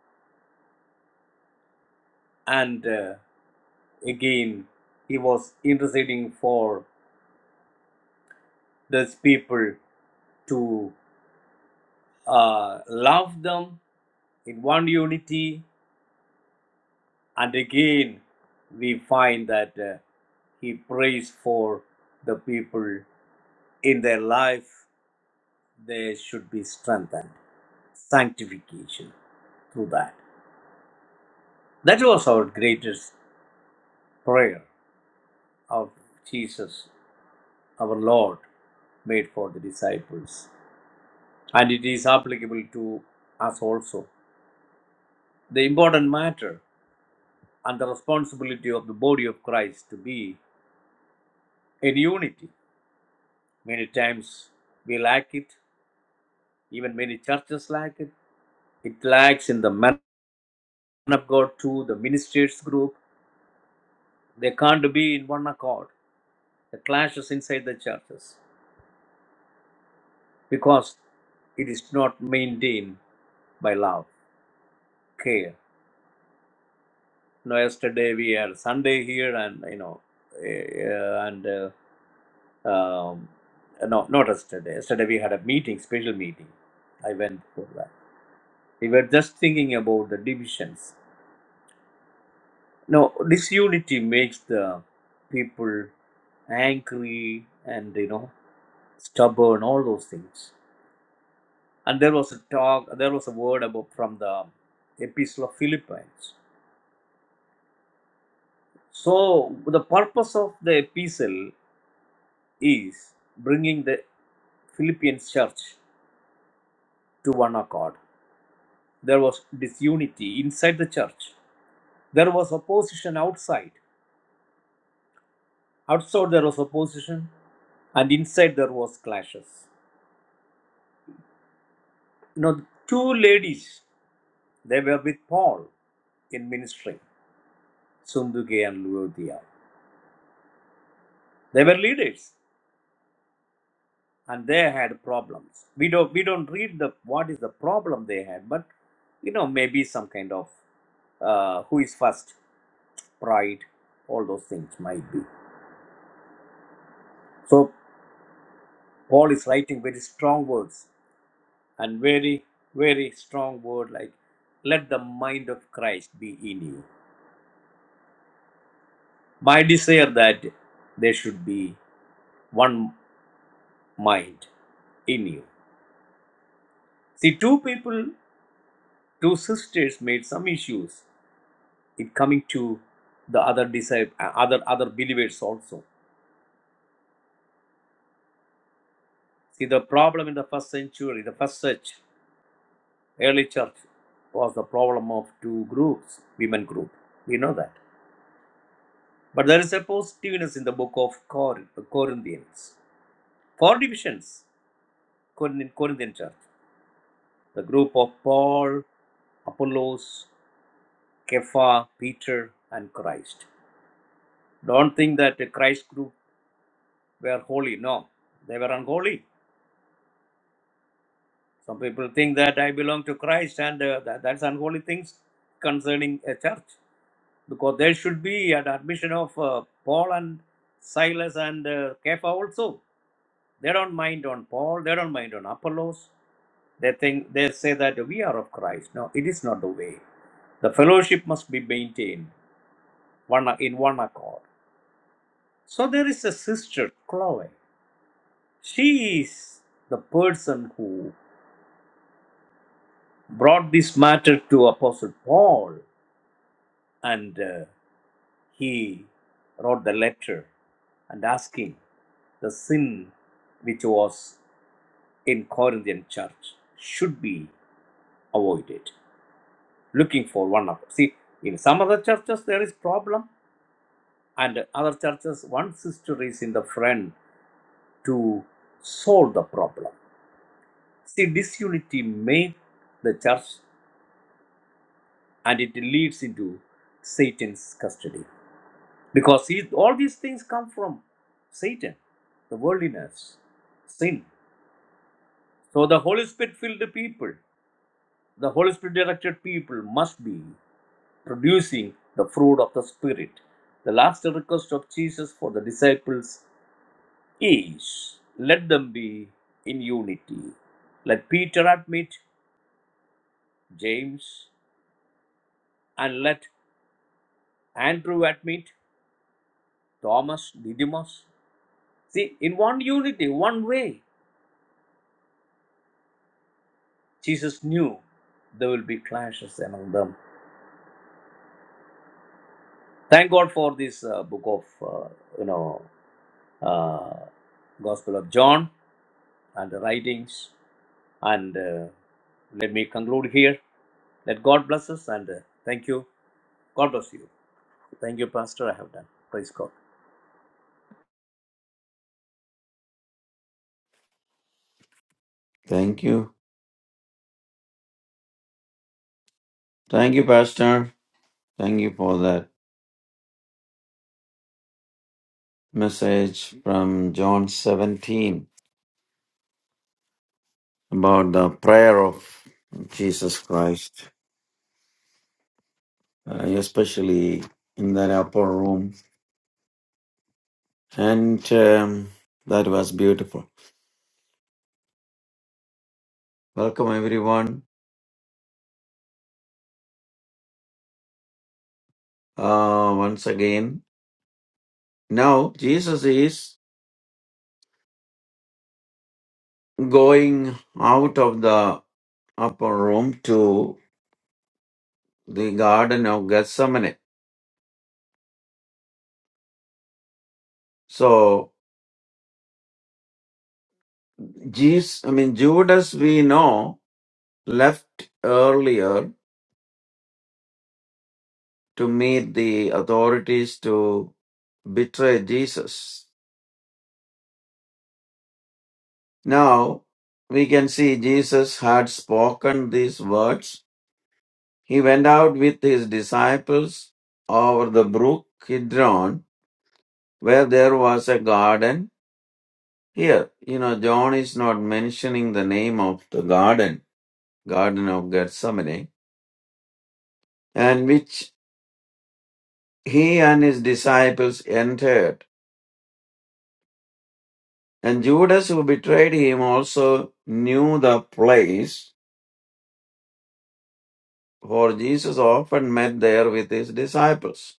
S3: and uh, again he was interceding for those people to uh, love them in one unity and again we find that uh, he prays for the people in their life they should be strengthened sanctification through that that was our greatest prayer of jesus our lord made for the disciples and it is applicable to us also the important matter and the responsibility of the body of Christ to be in unity. Many times we lack it, even many churches lack it. It lacks in the men of God too, the ministers group. They can't be in one accord. The clashes inside the churches because it is not maintained by love, care. You know, yesterday we had Sunday here, and you know, eh, eh, and uh, Um, no, not yesterday. Yesterday we had a meeting, special meeting. I went for that. We were just thinking about the divisions. No, disunity makes the people angry and you know stubborn, all those things. And there was a talk, there was a word about from the Epistle of Philippines. So the purpose of the epistle is bringing the Philippians church to one accord. There was disunity inside the church. There was opposition outside. Outside there was opposition, and inside there was clashes. You know, two ladies, they were with Paul in ministry, Sunduke and Luodia. They were leaders, and they had problems. We don't we don't read the what is the problem they had, but you know maybe some kind of uh, who is first, pride, all those things might be. So Paul is writing very strong words and very very strong word like let the mind of christ be in you my desire that there should be one mind in you see two people two sisters made some issues in coming to the other disciple uh, other other believers also see the problem in the first century the first church early church was the problem of two groups women group we know that but there is a positiveness in the book of Cor- Corinthians Four divisions Corinthian, Corinthian church. The group of Paul, Apollos, Kepha, Peter, and Christ. Don't think that the Christ group were holy. No, they were unholy. Some people think that I belong to Christ and uh, that, that's unholy things concerning a church. Because there should be an admission of uh, Paul and Silas and uh, Kepha also. They don't mind on Paul, they don't mind on Apollos. They think they say that we are of Christ. No, it is not the way. The fellowship must be maintained one in one accord. So there is a sister, Chloe. She is the person who brought this matter to Apostle Paul, and uh, he wrote the letter and asking the sin which was in Corinthian church should be avoided. Looking for one another. See, in some other churches there is problem. and other churches, one sister is in the front to solve the problem. See, disunity makes the church and it leads into Satan's custody because he, all these things come from Satan, the worldliness, sin. So, the Holy Spirit filled people, the Holy Spirit directed people must be producing the fruit of the Spirit. The last request of Jesus for the disciples is let them be in unity. Let Peter admit James and let Andrew admit Thomas, Didymus. See, in one unity, one way, Jesus knew there will be clashes among them. Thank God for this uh, book of, uh, you know, uh, Gospel of John and the writings. And uh, let me conclude here. Let God bless us and uh, thank you. God bless you. Thank you, Pastor. I have done. Praise God.
S2: Thank you. Thank you, Pastor. Thank you for that message from John 17 about the prayer of Jesus Christ, uh, especially in that upper room. And um, that was beautiful. Welcome, everyone, uh, once again. Now, Jesus is going out of the upper room to the garden of gethsemane so jesus i mean judas we know left earlier to meet the authorities to betray jesus now we can see jesus had spoken these words he went out with his disciples over the brook kidron where there was a garden Here, you know, John is not mentioning the name of the garden, Garden of Gethsemane, and which he and his disciples entered. And Judas, who betrayed him, also knew the place, for Jesus often met there with his disciples.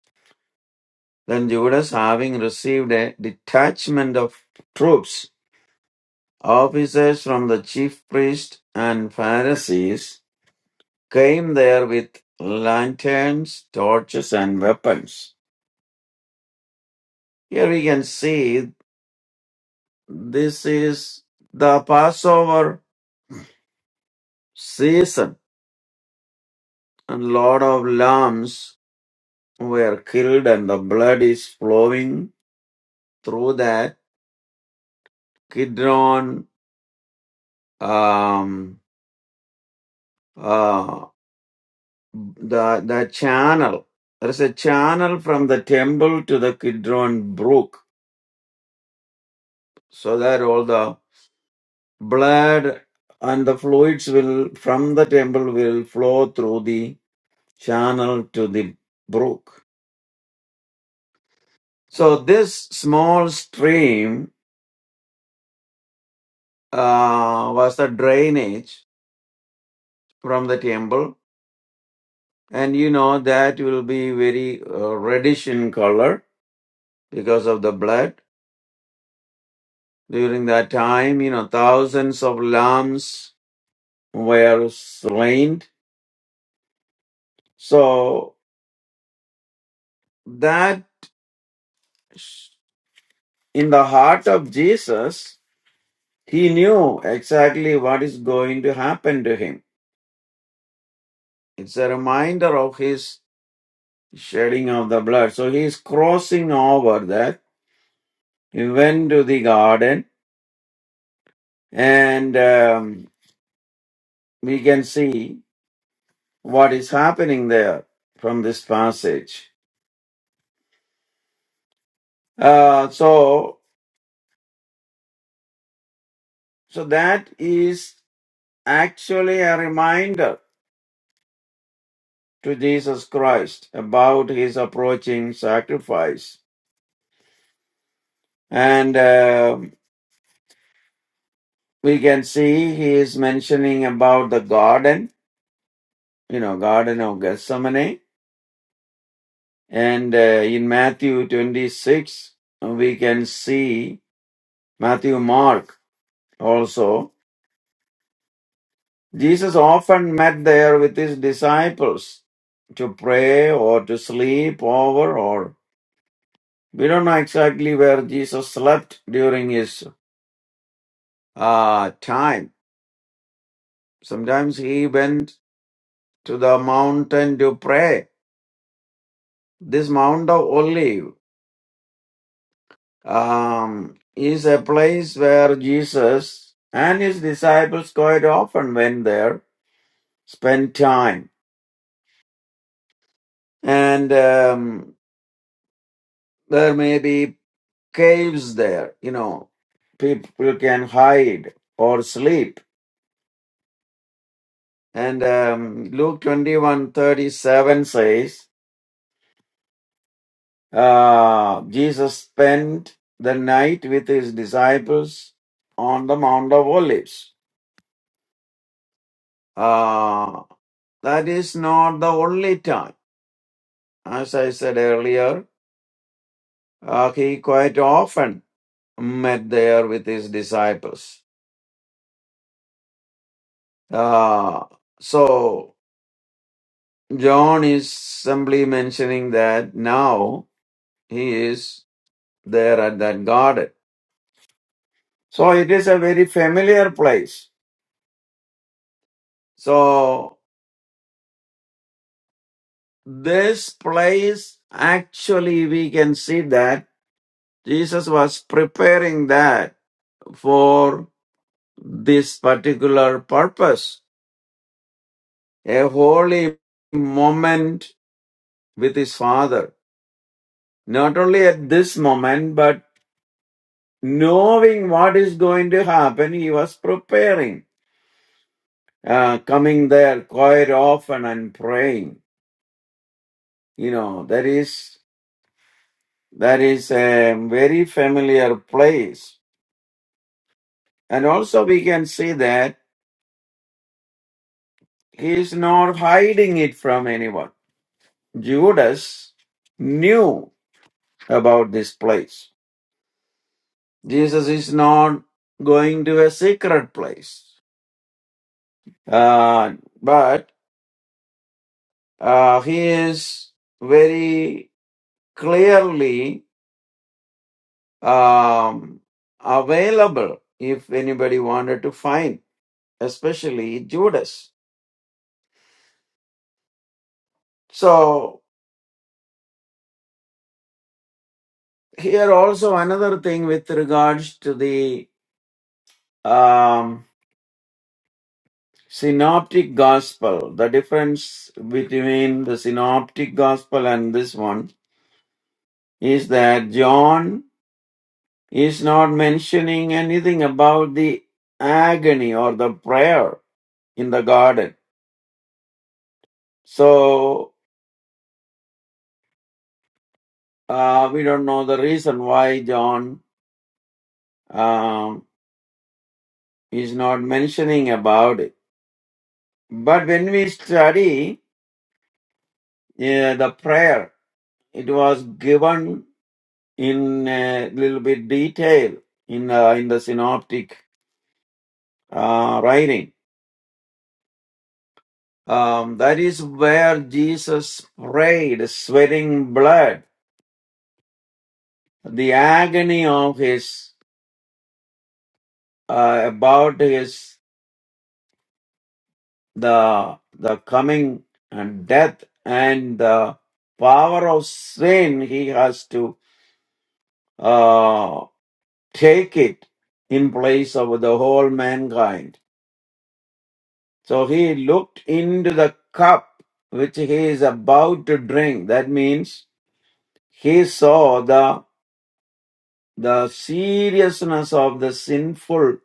S2: Then Judas, having received a detachment of troops, officers from the chief priests and Pharisees, came there with lanterns, torches, and weapons. Here we can see this is the Passover season, and lot of lambs were killed, and the blood is flowing through that. Kidron, um, uh, the the channel. There is a channel from the temple to the Kidron brook, so that all the blood and the fluids will from the temple will flow through the channel to the brook So this small stream uh, was the drainage from the temple, and you know that will be very uh, reddish in color because of the blood. During that time, you know, thousands of lambs were slain. So that sh- in the heart of Jesus, he knew exactly what is going to happen to him. It's a reminder of his shedding of the blood. So he is crossing over that. He went to the garden, and um, we can see what is happening there from this passage. Uh, so, so that is actually a reminder to Jesus Christ about his approaching sacrifice, and um we can see he is mentioning about the garden, you know, Garden of Gethsemane, And uh, in Matthew 26, we can see Matthew Mark also. Jesus often met there with his disciples to pray or to sleep over, or we don't know exactly where Jesus slept during his uh, time. Sometimes he went to the mountain to pray. This Mount of Olive um, is a place where Jesus and his disciples quite often went there, spent time. And um, there may be caves there, you know, people can hide or sleep. And um, Luke twenty-one thirty-seven says, uh, Jesus spent the night with his disciples on the Mount of Olives. Uh, that is not the only time. As I said earlier, uh, he quite often met there with his disciples. Uh, so John is simply mentioning that now he is there at that garden. So it is a very familiar place. So this place, actually, we can see that Jesus was preparing that for this particular purpose a holy moment with his father. Not only at this moment, but knowing what is going to happen, he was preparing, uh, coming there quite often and praying. You know, that is, that is a very familiar place. And also we can see that he is not hiding it from anyone. Judas knew about this place Jesus is not going to a secret place, uh, but uh, he is very clearly um, available if anybody wanted to find, especially Judas. So, here also another thing with regards to the um, synoptic gospel, the difference between the synoptic gospel and this one is that John He's not mentioning anything about the agony or the prayer in the garden. So uh, we don't know the reason why John um, is not mentioning about it. But when we study uh, the prayer, it was given in a little bit detail in uh, in the synoptic uh, writing. Um, that is where Jesus prayed, sweating blood the agony of his uh, about his the the coming and death and the power of sin he has to uh, take it in place of the whole mankind so he looked into the cup which he is about to drink that means he saw the the seriousness of the sinful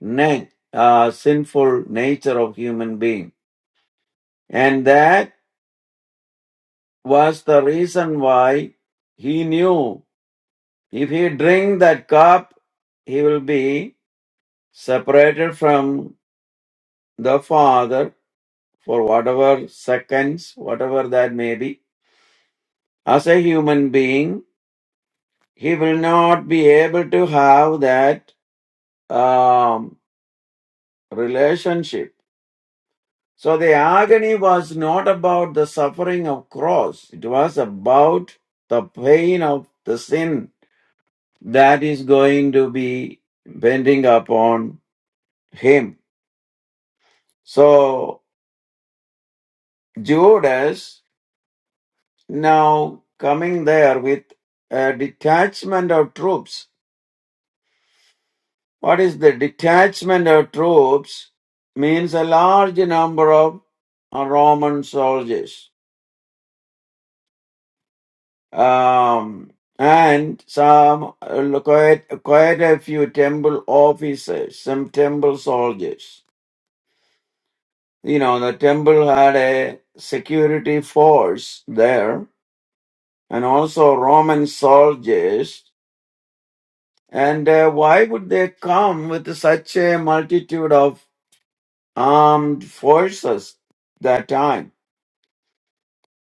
S2: na- uh, sinful nature of human being And that was the reason why he knew if he drink that cup, he will be separated from the Father for whatever seconds, whatever that may be. As a human being, he will not be able to have that um, relationship. So the agony was not about the suffering of cross. It was about the pain of the sin that is going to be bending upon him. So Judas now coming there with a detachment of troops. What is the detachment of troops? Means a large number of uh, Roman soldiers. Um, and some uh, quite, quite a few temple officers, some temple soldiers. you know, the temple had a security force there and also Roman soldiers. And uh, why would they come with such a multitude of armed forces that time?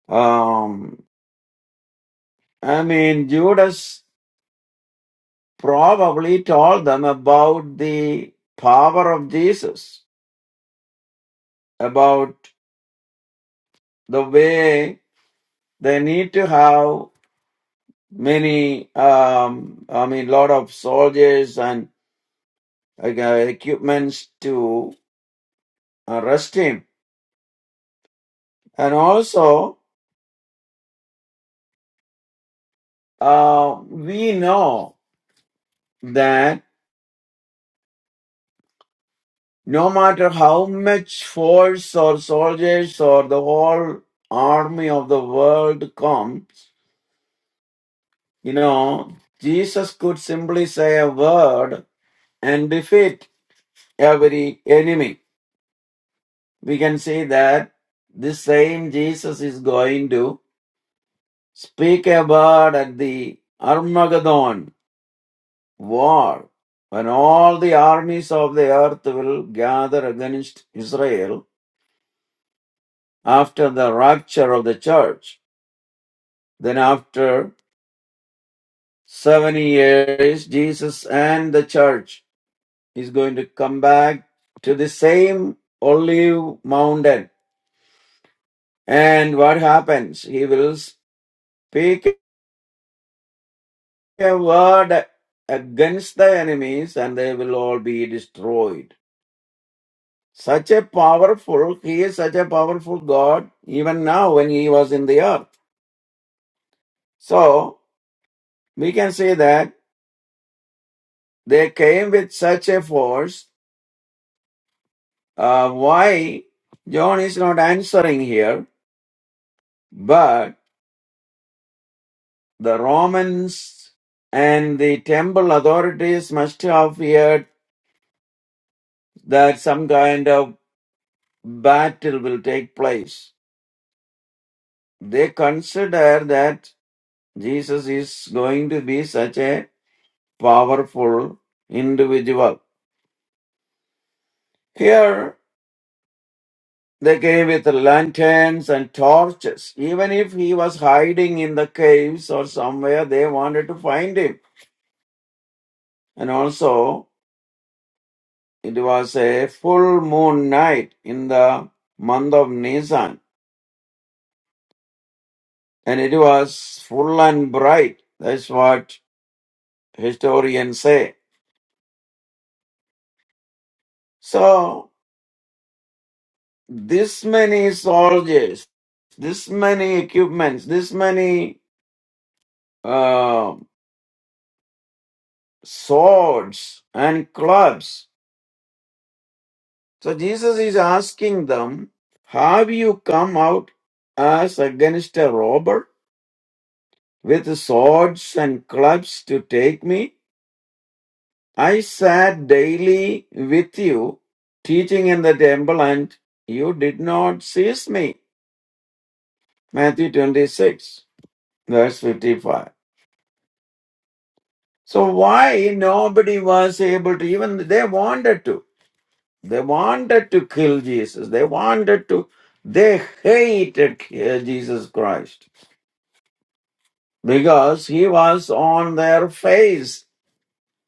S2: Um, I mean, Judas probably told them about the power of Jesus, about the way they need to have many, um, I mean, lot of soldiers and uh, equipments to arrest him. And also, uh, we know that no matter how much force or soldiers or the whole army of the world comes, you know, Jesus could simply say a word and defeat every enemy. We can see that this same Jesus is going to speak a word at the Armageddon war, when all the armies of the earth will gather against Israel after the rapture of the church. Then, after seven years, Jesus and the church is going to come back to the same olive mountain. And what happens? He will speak a word against the enemies, and they will all be destroyed. Such a powerful, he is such a powerful God even now when he was in the earth. So we can say that they came with such a force. Uh, why John is not answering here, but the Romans and the temple authorities must have feared that some kind of battle will take place. They consider that Jesus is going to be such a powerful individual. Here they came with lanterns and torches. Even if he was hiding in the caves or somewhere, they wanted to find him. And also, it was a full moon night in the month of Nisan, and it was full and bright. That's what historians say. So, this many soldiers, this many equipments, this many uh, swords and clubs. So Jesus is asking them, Have you come out as against a robber with swords and clubs to take me? I sat daily with you, teaching in the temple, and you did not seize me. Matthew 26, verse 55. So why nobody was able to, even they wanted to? They wanted to kill Jesus. They wanted to, they hated uh, Jesus Christ because he was on their face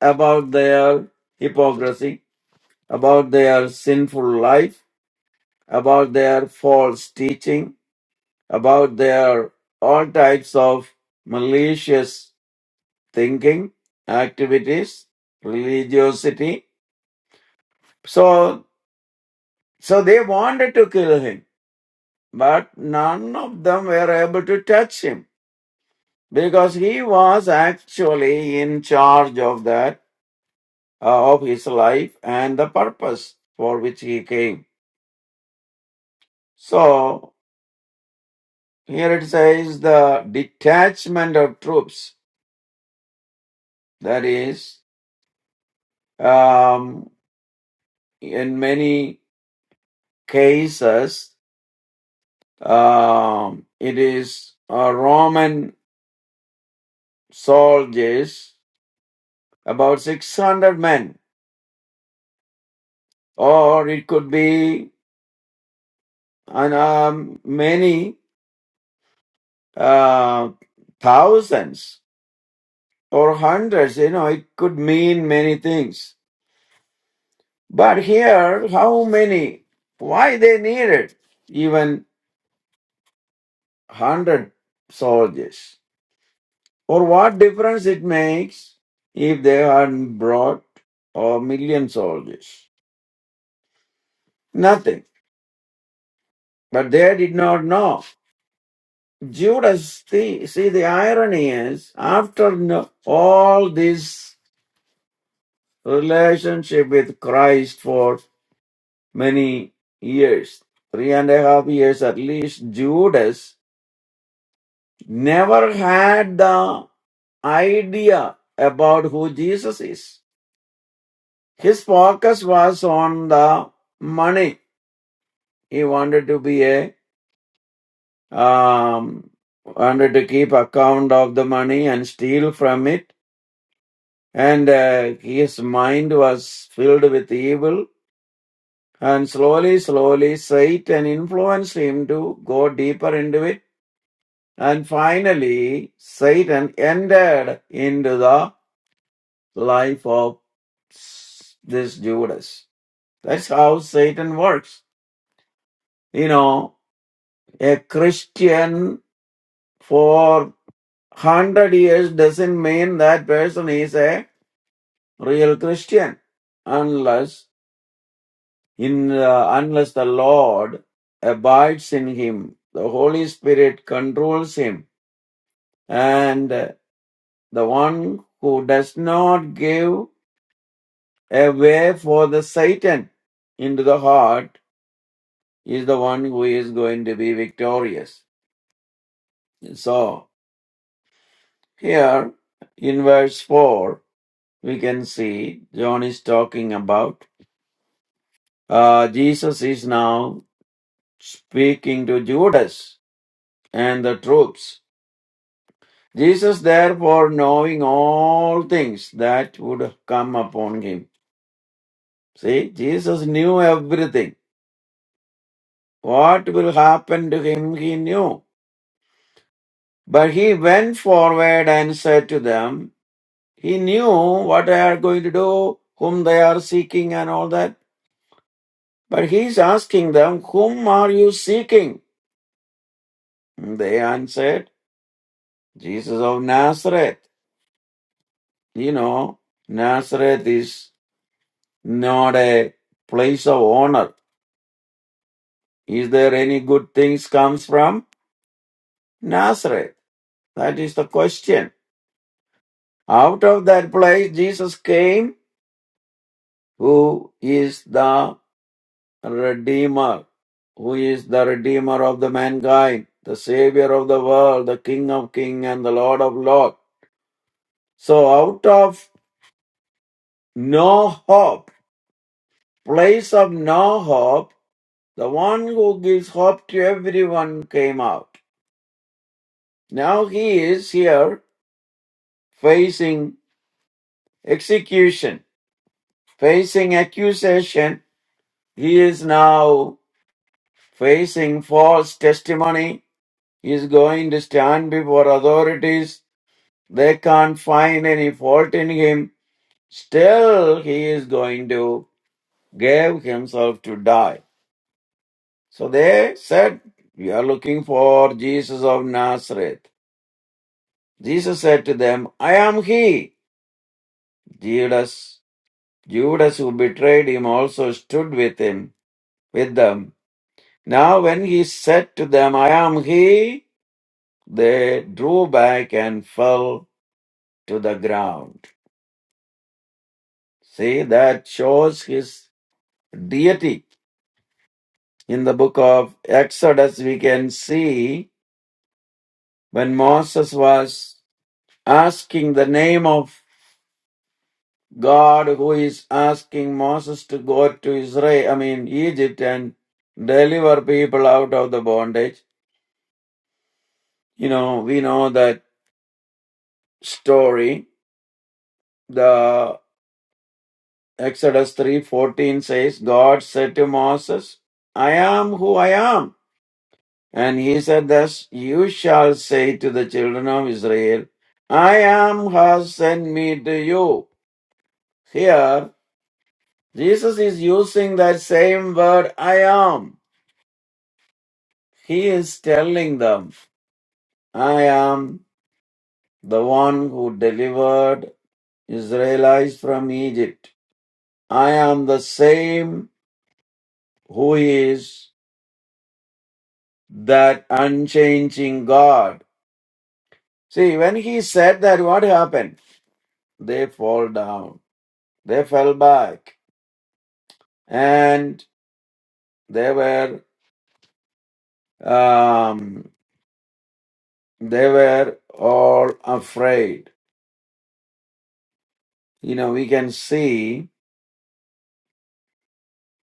S2: about their hypocrisy, about their sinful life, about their false teaching, about their all types of malicious thinking, activities, religiosity. So, so they wanted to kill him but none of them were able to touch him because he was actually in charge of that uh, of his life and the purpose for which he came so here it says the detachment of troops that is um, in many cases um, it is uh, roman soldiers about 600 men or it could be and um, many uh, thousands or hundreds, you know, it could mean many things. But here, how many? Why they needed even hundred soldiers? Or what difference it makes if they had brought a million soldiers? Nothing. But they did not know. Judas, see, see the irony is, after no, all this. relationship with Christ for many years. Three and a half years at least, Judas never had the idea about who Jesus is. His focus was on the money. He wanted to be a, um, wanted to keep account of the money and steal from it. And uh, his mind was filled with evil and slowly, slowly Satan influenced him to go deeper into it. And finally, Satan entered into the life of this Judas. That's how Satan works. You know, a Christian for 100 years doesn't mean that person is a real Christian unless in uh, unless the Lord abides in him. The Holy Spirit controls him and the one who does not give a way for the Satan into the heart is the one who is going to be victorious. So, here in verse 4, we can see John is talking about uh, Jesus is now speaking to Judas and the troops. Jesus, therefore, knowing all things that would come upon him. See, Jesus knew everything what will happen to him he knew. But he went forward and said to them, he knew what they are going to do, whom they are seeking and all that. But he is asking them, whom are you seeking? And They answered, Jesus of Nazareth. You know, Nazareth is not a place of honor. Is there any good things comes from Nazareth? That is the question. Out of that place, Jesus came who is the Redeemer, who is the Redeemer of the mankind, the Savior of the world, the King of kings and the Lord of lords. So out of no hope, place of no hope, the one who gives hope to everyone came out. Now he is here facing execution, facing accusation. He is now facing false testimony is going to stand before authorities. They can't find any fault in him. Still, he is going to give himself to die. So they said, We are looking for Jesus of Nazareth. Jesus said to them, I am he. Judas, Judas who betrayed him also stood with him, with them. Now when he said to them, I am he, they drew back and fell to the ground. See, that shows his deity. In the book of Exodus, we can see when Moses was asking the name of God, who is asking Moses to go to Israel, I mean, Egypt, and deliver people out of the bondage. You know, we know that story. The Exodus 3:14 says, God said to Moses, I am who I am. And he said, Thus you shall say to the children of Israel, I am has sent me to you. Here, Jesus is using that same word, I am. He is telling them, I am the one who delivered Israelites from Egypt. I am the same who is that unchanging God. See, when he said that, what happened? They fall down. They fell back and they were um, they were all afraid. You know, we can see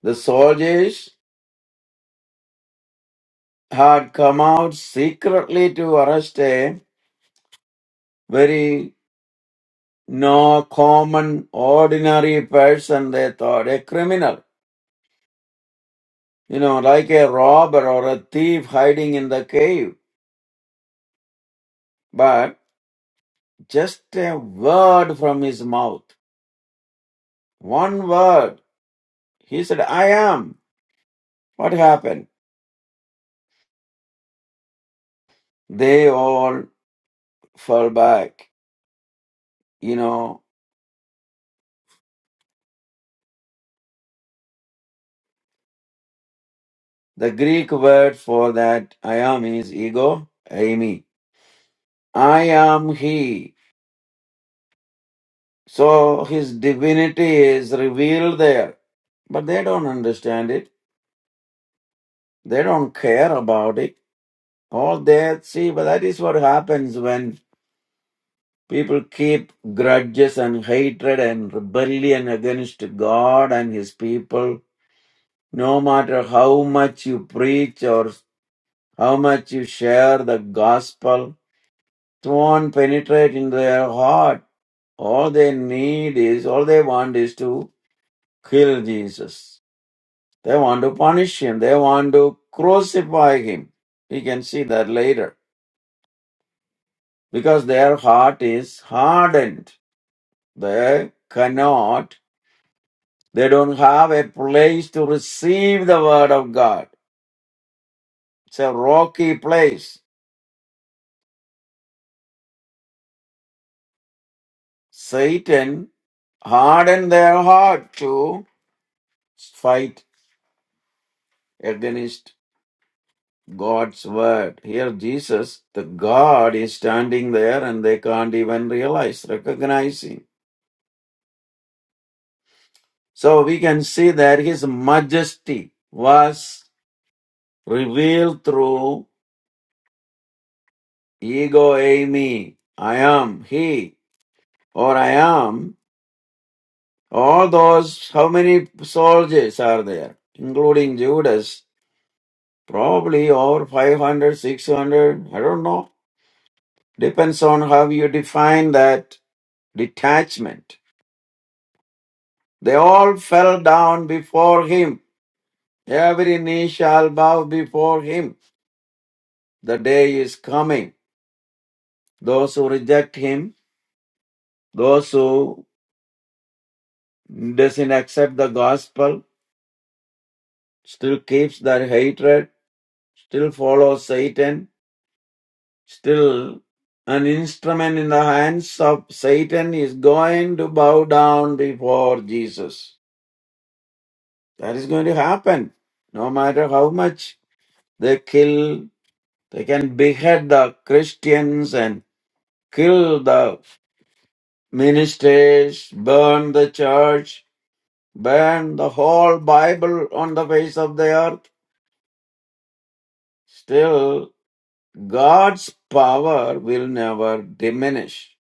S2: the soldiers had come out secretly to arrest a very no common ordinary person. They thought a criminal, you know, like a robber or a thief hiding in the cave. But just a word from his mouth, one word, he said, "I am." What happened? They all fell back. You know, the Greek word for that I am is ego, Amy. I am he. So his divinity is revealed there. But they don't understand it. They don't care about it. All they see, but that is what happens when people keep grudges and hatred and rebellion against God and his people no matter how much you preach or How much you share the gospel, it won't penetrate in their heart. All they need is, all they want is to kill Jesus. They want to punish him. They want to crucify him. We can see that later. Because their heart is hardened. They cannot, they don't have a place to receive the word of God. It's a rocky place. Satan hardened their heart to fight. against God's word. Here, Jesus, the God, is standing there and they can't even realize, recognize him. So we can see that his majesty was revealed through ego eimi. I am he, or I am. All those, how many soldiers are there, including Judas? Probably over 500, 600. I don't know. Depends on how you define that detachment. They all fell down before him. Every knee shall bow before him. The day is coming. Those who reject him, those who doesn't accept the gospel, still keeps their hatred, still follows Satan, still an instrument in the hands of Satan is going to bow down before Jesus. That is going to happen. No matter how much they kill They can behead the Christians and kill the ministers, burn the church, burn the whole Bible on the face of the earth. Still, God's power will never diminish.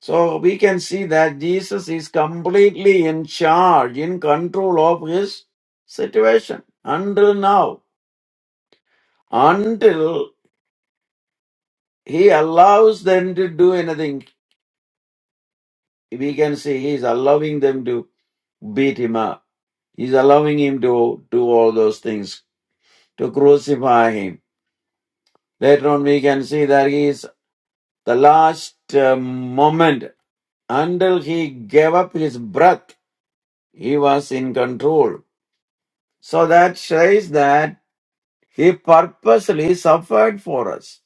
S2: So we can see that Jesus is completely in charge, in control of his situation until now, until he allows them to do anything. we can see he's allowing them to beat him up. He's allowing him to do all those things, to crucify him. Later on, we can see that he is the last uh, moment until he gave up his breath, he was in control. So that shows that he purposely suffered for us.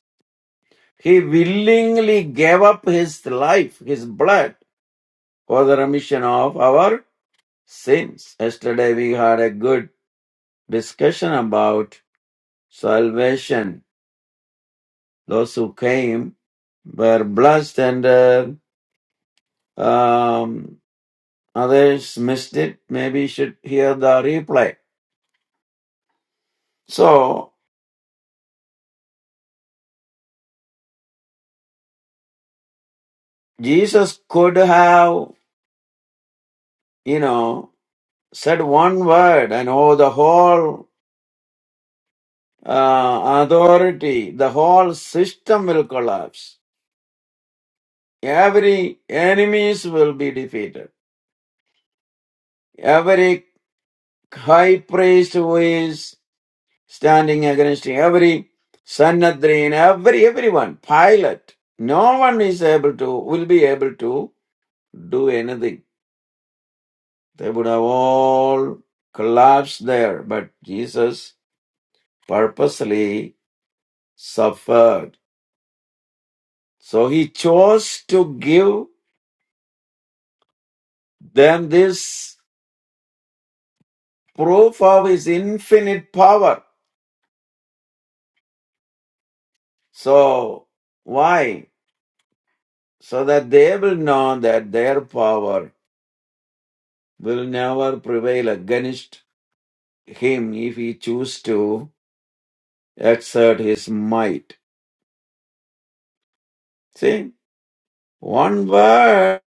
S2: He willingly gave up his life, his blood, for the remission of our sins. Yesterday we had a good discussion about salvation. Those who came were blessed, and uh, um, others missed it. Maybe should hear the replay. So Jesus could have, you know, said one word, and oh, the whole uh, authority, the whole system will collapse. Every enemies will be defeated. Every high priest who is standing against every Sanhedrin, every everyone, Pilate. No one is able to will be able to do anything. They would have all collapsed there, but Jesus purposely suffered. So he chose to give them this proof of his infinite power. So why? So that they will know that their power will never prevail against him if he choose to exert his might. See, one word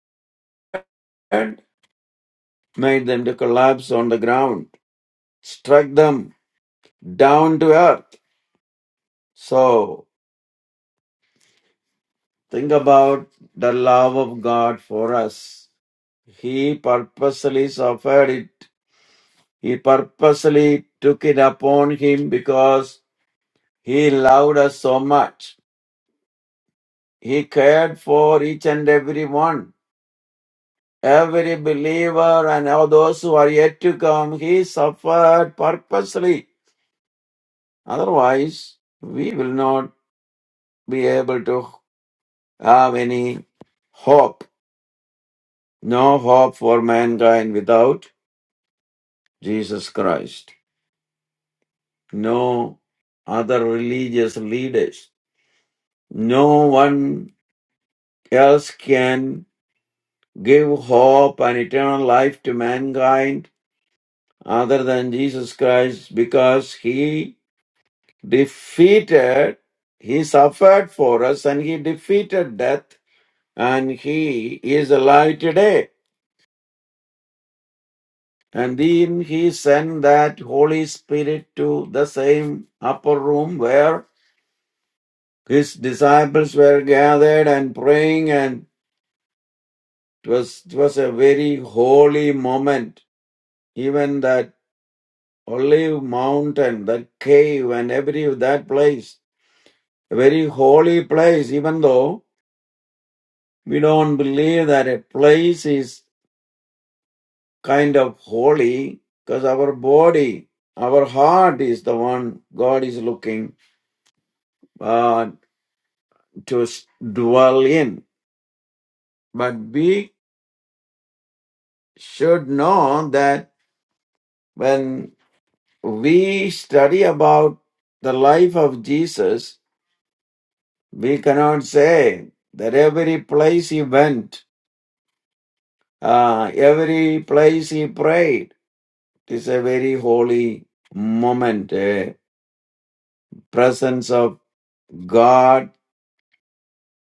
S2: made them to collapse on the ground, struck them down to earth. So think about the love of God for us. He purposely suffered it. He purposely took it upon him because he loved us so much. He cared for each and every one Every believer and all those who are yet to come, he suffered purposely. Otherwise, we will not be able to have any hope. No hope for mankind without Jesus Christ. No other religious leaders. No one else can give hope and eternal life to mankind other than Jesus Christ because he defeated, he suffered for us and he defeated death and he is alive today. And then he sent that Holy Spirit to the same upper room where his disciples were gathered and praying and it was, it was a very holy moment. Even that olive mountain, that cave and every that place, a very holy place, even though we don't believe that a place is kind of holy because our body, our heart is the one God is looking uh, to dwell in. But we should know that when we study about the life of Jesus, we cannot say that every place he went, uh, every place he prayed, it is a very holy moment, a presence of God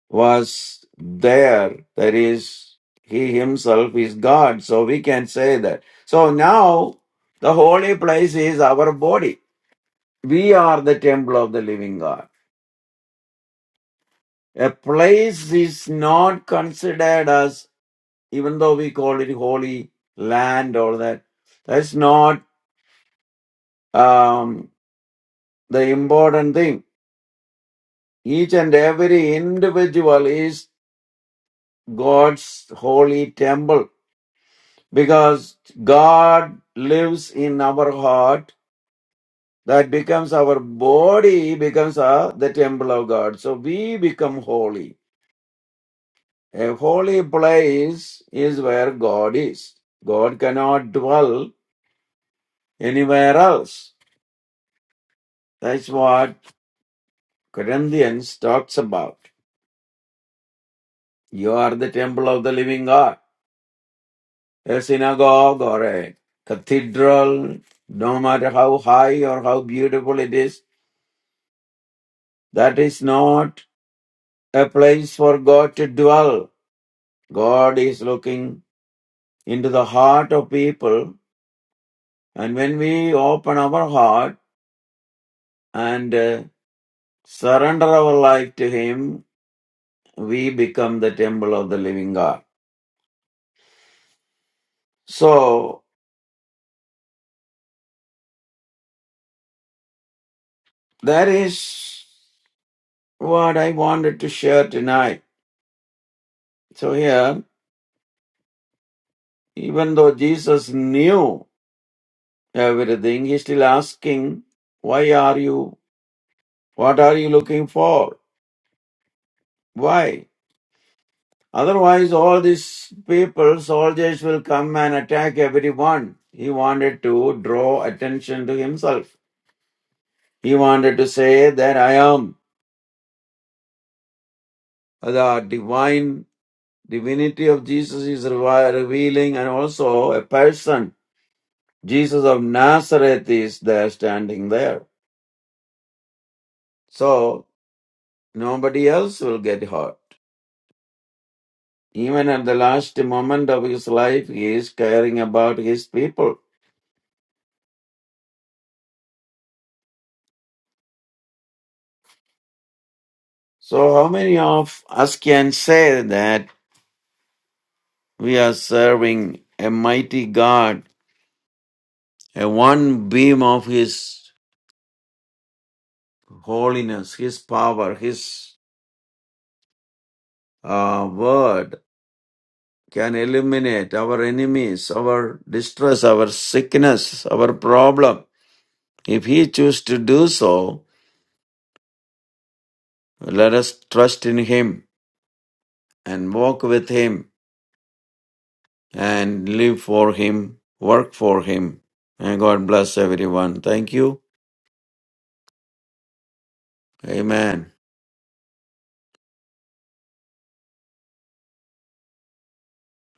S2: was there. That is, he himself is God. So we can say that. So now the holy place is our body. We are the temple of the living God. A place is not considered as, even though we call it holy land or that, that's not um, the important thing. Each and every individual is God's holy temple because God lives in our heart. That becomes our body, becomes uh, the temple of God. So we become holy. A holy place is where God is. God cannot dwell anywhere else. That's what Corinthians talks about. You are the temple of the living God. A synagogue or a cathedral, no matter how high or how beautiful it is, that is not a place for God to dwell. God is looking into the heart of people, and when we open our heart and uh, surrender our life to Him, we become the temple of the living God. So, that is what I wanted to share tonight. So, here, even though Jesus knew everything, He's still asking, Why are you? What are you looking for? Why? Otherwise, all these people, soldiers will come and attack everyone. He wanted to draw attention to himself. He wanted to say that I am the divine divinity of Jesus is revi- revealing, and also a person, Jesus of Nazareth, is there standing there. So nobody else will get hurt. Even at the last moment of his life, he is caring about his people. So, how many of us can say that? We are serving a mighty God, a one beam of His holiness, His power, His uh, word can eliminate our enemies, our distress, our sickness, our problem. If He chooses to do so, let us trust in Him and walk with Him and live for Him, work for Him. And God bless everyone. Thank you. Amen.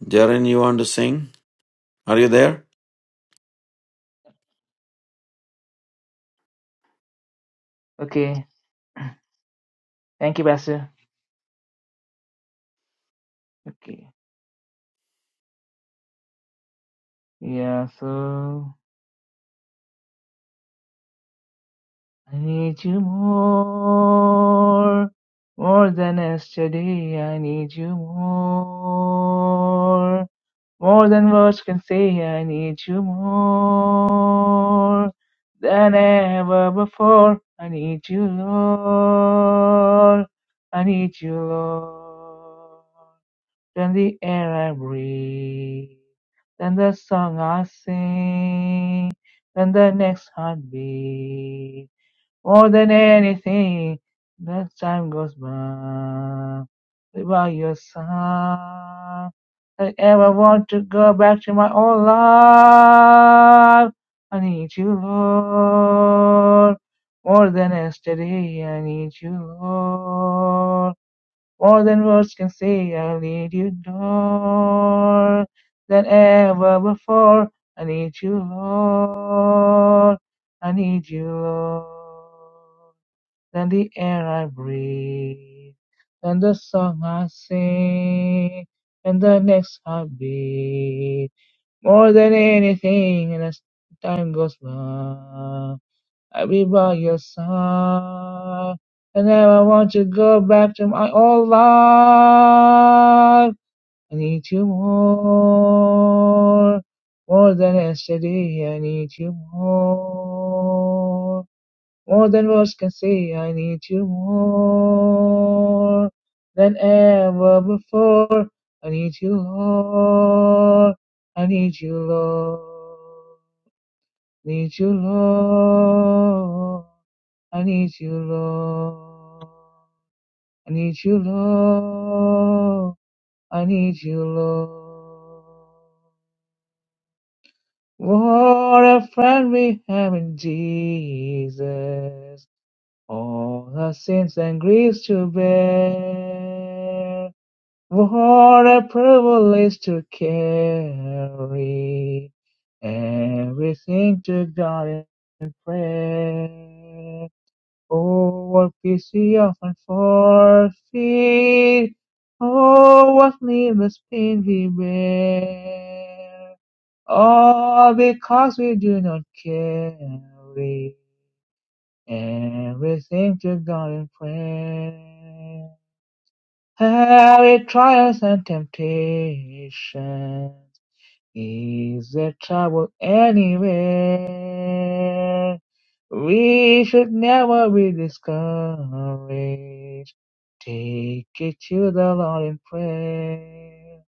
S2: Jaren, you want to sing? Are you there?
S1: Okay, thank you, Pastor. Okay, yeah, so I need you more, more than yesterday. I need you more More than words can say, I need you more than ever before. I need you, Lord. I need you, Lord. Than the air I breathe, than the song I sing, than the next heartbeat. More than anything, as time goes by, without your side, I ever want to go back to my old life. I need you, Lord, more than yesterday. I need you, Lord. More than words can say, I need you more than ever before. I need you, Lord. I need you, Lord. Than the air I breathe, than the song I sing, and the next heartbeat. More than anything, and as time goes by. I'll be by your side. And now I want to go back to my old life. I need you more. More than yesterday, I need you more. More than words can say, I need you more than ever before. I need you, Lord. I need you, Lord. Need you, Lord. I need you, Lord. I need you, Lord. I need you, Lord. What a friend we have in Jesus. All our sins and griefs to bear. What a privilege to carry everything to God in prayer. Oh, what peace we often forfeit. Oh, what needless pain we bear. All because we do not carry everything to God in prayer. Every trials and temptation is a trouble anyway. We should never be discouraged. Take it to the Lord in prayer.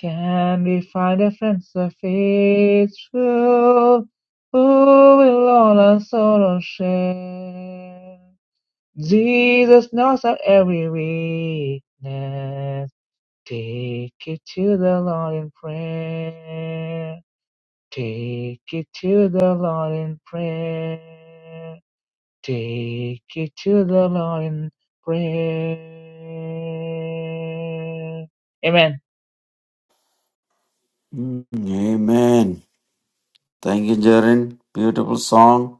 S1: Can we find a friend so faithful who will all our sorrow share? Jesus knows our every weakness. Take it to the Lord in prayer. Take it to the Lord in prayer. Take it to the Lord in prayer. Amen.
S2: Mm, Amen. Thank you, Jaren. Beautiful song.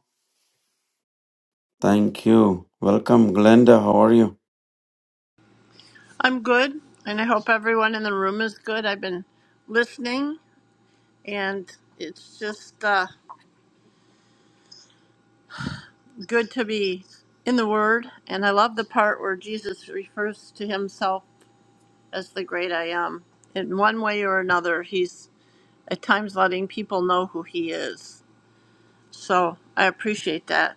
S2: Thank you. Welcome, Glenda. How are you?
S4: I'm good, and I hope everyone in the room is good. I've been listening, and it's just uh, good to be in the Word. And I love the part where Jesus refers to himself as the great I am. In one way or another, he's at times letting people know who he is. So I appreciate that.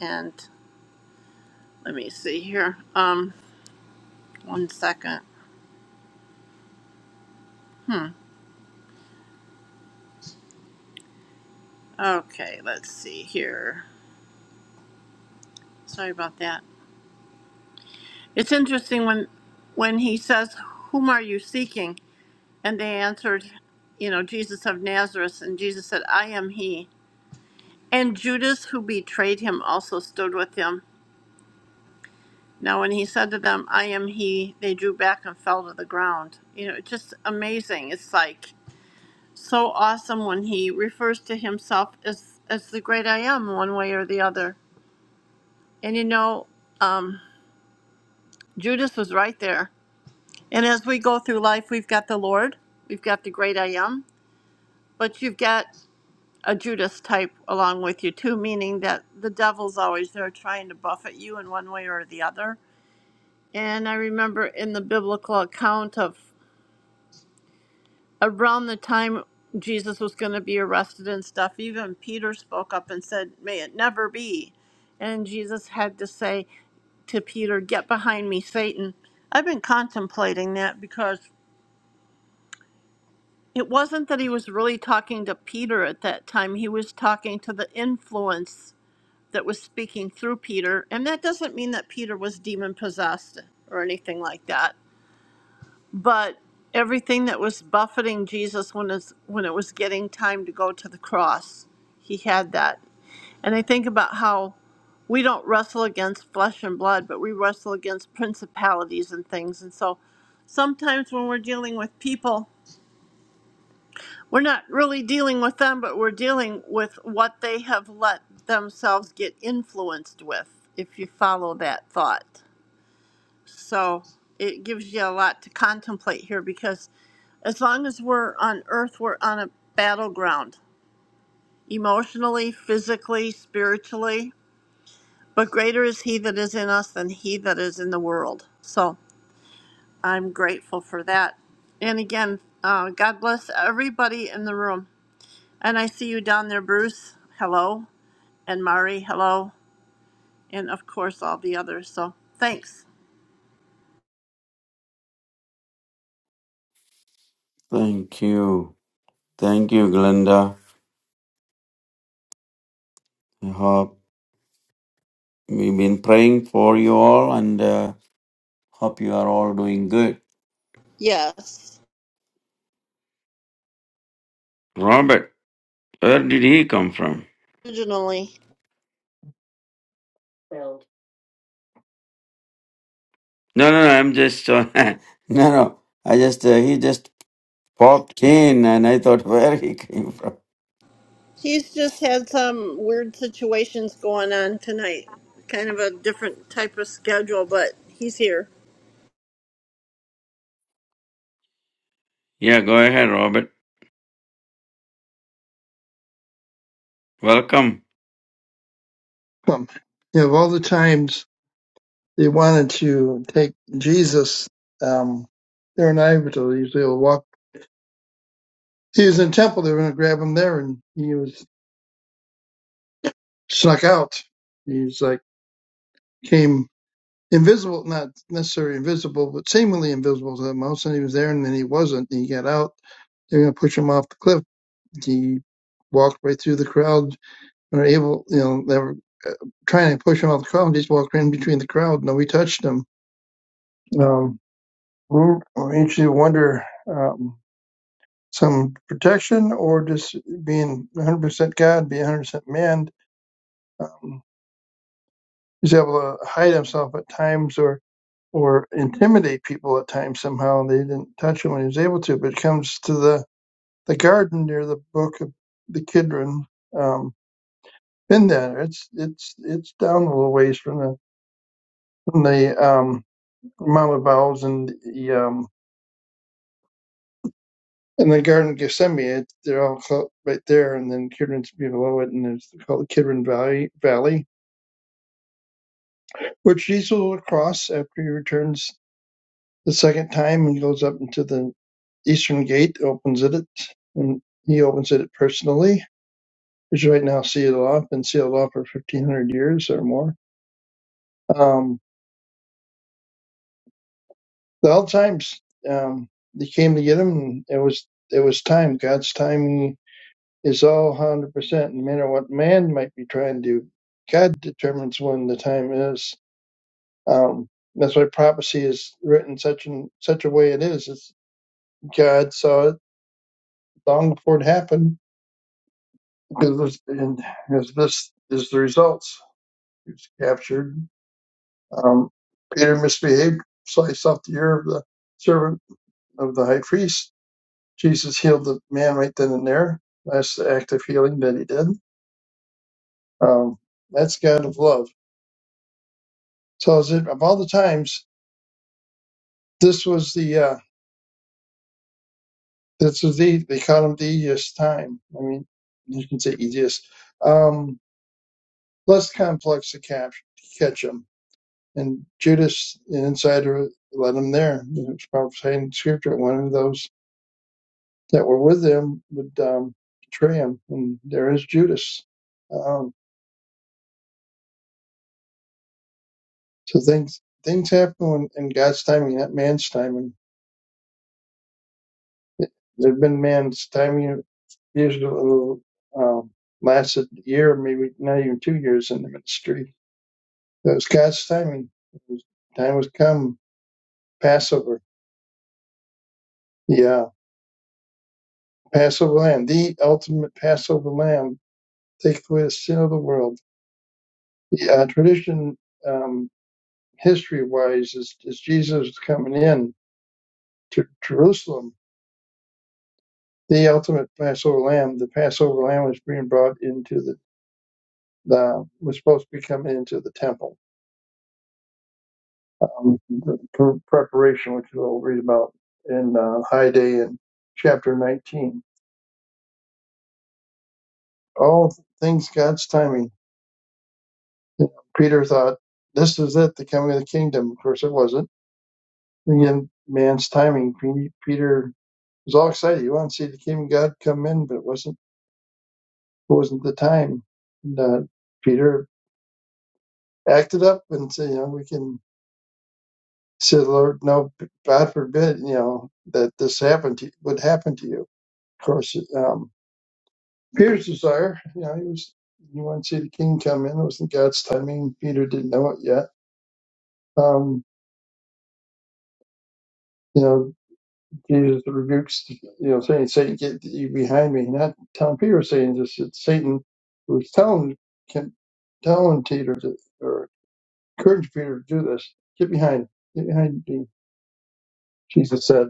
S4: And let me see here. Um, one second. Hmm. Okay, let's see here. Sorry about that. It's interesting when when he says, "Whom are you seeking?" and they answered, you know, Jesus of Nazareth, and Jesus said, "I am he." And Judas, who betrayed him, also stood with him. Now, when he said to them, "I am he," they drew back and fell to the ground. You know, it's just amazing. It's like so awesome when he refers to himself as as the great I am, one way or the other. And you know, um, Judas was right there And as we go through life, we've got the Lord, we've got the great I am, but you've got a Judas type along with you too, meaning that the devil's always there trying to buffet you in one way or the other. And I remember in the biblical account of around the time Jesus was going to be arrested and stuff, even Peter spoke up and said, May it never be. And Jesus had to say to Peter, Get behind me, Satan. I've been contemplating that because It wasn't that he was really talking to Peter at that time. He was talking to the influence that was speaking through Peter. And that doesn't mean that Peter was demon possessed or anything like that. But everything that was buffeting Jesus when it's, when it was getting time to go to the cross, he had that. And I think about how we don't wrestle against flesh and blood, but we wrestle against principalities and things. And so sometimes when we're dealing with people we're not really dealing with them, but we're dealing with what they have let themselves get influenced with, if you follow that thought. So it gives you a lot to contemplate here because as long as we're on earth, we're on a battleground emotionally, physically, spiritually. But greater is he that is in us than he that is in the world. So I'm grateful for that. And again, uh, God bless everybody in the room. And I see you down there, Bruce. Hello. And Mari, hello. And of course, all the others. So thanks.
S2: Thank you. Thank you, Glenda. I hope we've been praying for you all and uh, hope you are all doing good.
S4: Yes,
S2: Robert, where did he come from?
S4: originally.
S2: No, no, no. I'm just, uh, no, no. I just, uh, he just popped in and I thought where he came from.
S4: He's just had some weird situations going on tonight. Kind of a different type of schedule, but he's here.
S2: Yeah, go ahead, Robert. Welcome.
S5: Um, you know, of all the times they wanted to take Jesus, um, they're in Iberville. Usually, will walk. He was in temple. They were going to grab him there, and he was snuck out. He was like came invisible, not necessarily invisible, but seemingly invisible to them. All of a sudden, he was there, and then he wasn't. And he got out. They were going to push him off the cliff. He walked right through the crowd. And were able, you know, they were uh, trying to push him off the crowd. He just walked right in between the crowd. Nobody touched him. Um, Mm, Makes you wonder um, some protection or just being 100% God, being 100% man. Um, he's able to hide himself at times or or intimidate people at times somehow. They didn't touch him when he was able to, but it comes to the, the garden near the book of the Kidron. Um, been there. It's it's it's down a little ways from the from the um, Mount of Olives and the um, And the Garden of Gethsemane, they're all clo- right there, and then Kidron's below it, and it's called the Kidron Valley, Valley, which Jesus will cross after he returns the second time and goes up into the eastern gate, opens it, and he opens it personally. It's right now sealed off, and sealed off for 1,500 years or more. Um, the old times, um, they came to get him, and it was it was time, God's time. is all one hundred percent, no matter what man might be trying to do. God determines when the time is. Um, that's why prophecy is written such in such a way it is. It's God saw it long before it happened because this, and as this is the results. He was captured. Um, Peter misbehaved, sliced off the ear of the servant of the high priest. Jesus healed the man right then and there. That's the act of healing that he did. Um, that's God of love So is it, of all the times, this was the uh, this was the they called them the easiest time. I mean, you can say easiest, um, less complex to catch catch them. And Judas, an insider, led him there. And It's prophesying in scripture. that One of those that were with them would um, betray him, and there is Judas. Um, so things things happen when, in God's timing, not man's timing. There have been man's timing Israel um, lasted a year, maybe not even two years in the ministry. That was God's timing. It was, time was come. Passover. Yeah. Passover lamb, the ultimate Passover lamb, take away the sin of the world. The uh, tradition, um, history wise, is, is Jesus coming in to Jerusalem. The ultimate Passover lamb, the Passover lamb was being brought into the, the was supposed to be coming into the temple um, the pre- preparation, which we'll read about in uh, High Day in chapter 19. All things God's timing. Peter thought, this is it, the coming of the kingdom. Of course, it wasn't. Again, man's timing. Pe- Peter was all excited. He wanted to see the kingdom of God come in, but it wasn't, it wasn't the time. And, uh, Peter acted up and said, you know, we can say, Lord, no, God forbid, you know, that this happened to, would happen to you. Of course, um, Peter's desire. You know, he was you want to see the king come in. It wasn't God's timing. Peter didn't know it yet. Um, you know, Jesus rebukes, you know, saying, Satan, get thee behind me. Not telling Peter, saying this, it's Satan who's telling, can, telling Peter to, or encourage Peter to do this. Get behind, get behind me. Jesus said,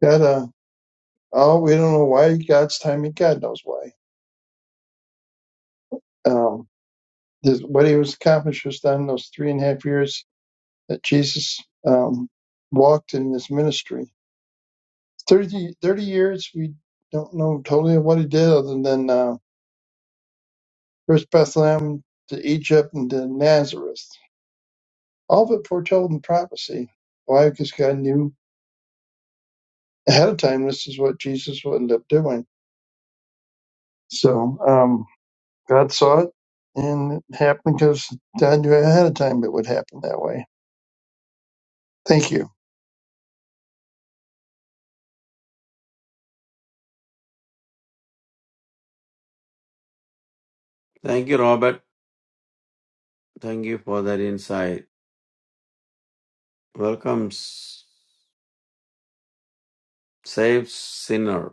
S5: God, uh, oh, we don't know why God's timing, God knows why. Um, this, what he was accomplished was done in those three and a half years that Jesus um, walked in his ministry. 30 30 years, we don't know totally what he did other than uh, first Bethlehem to Egypt and to Nazareth. All of it foretold in prophecy. Why? Because God knew ahead of time this is what Jesus would end up doing. So um, God saw it and it happened because God knew ahead of time it would happen that way. Thank you.
S2: Thank you, Robert. Thank you for that insight. welcomes saved sinner.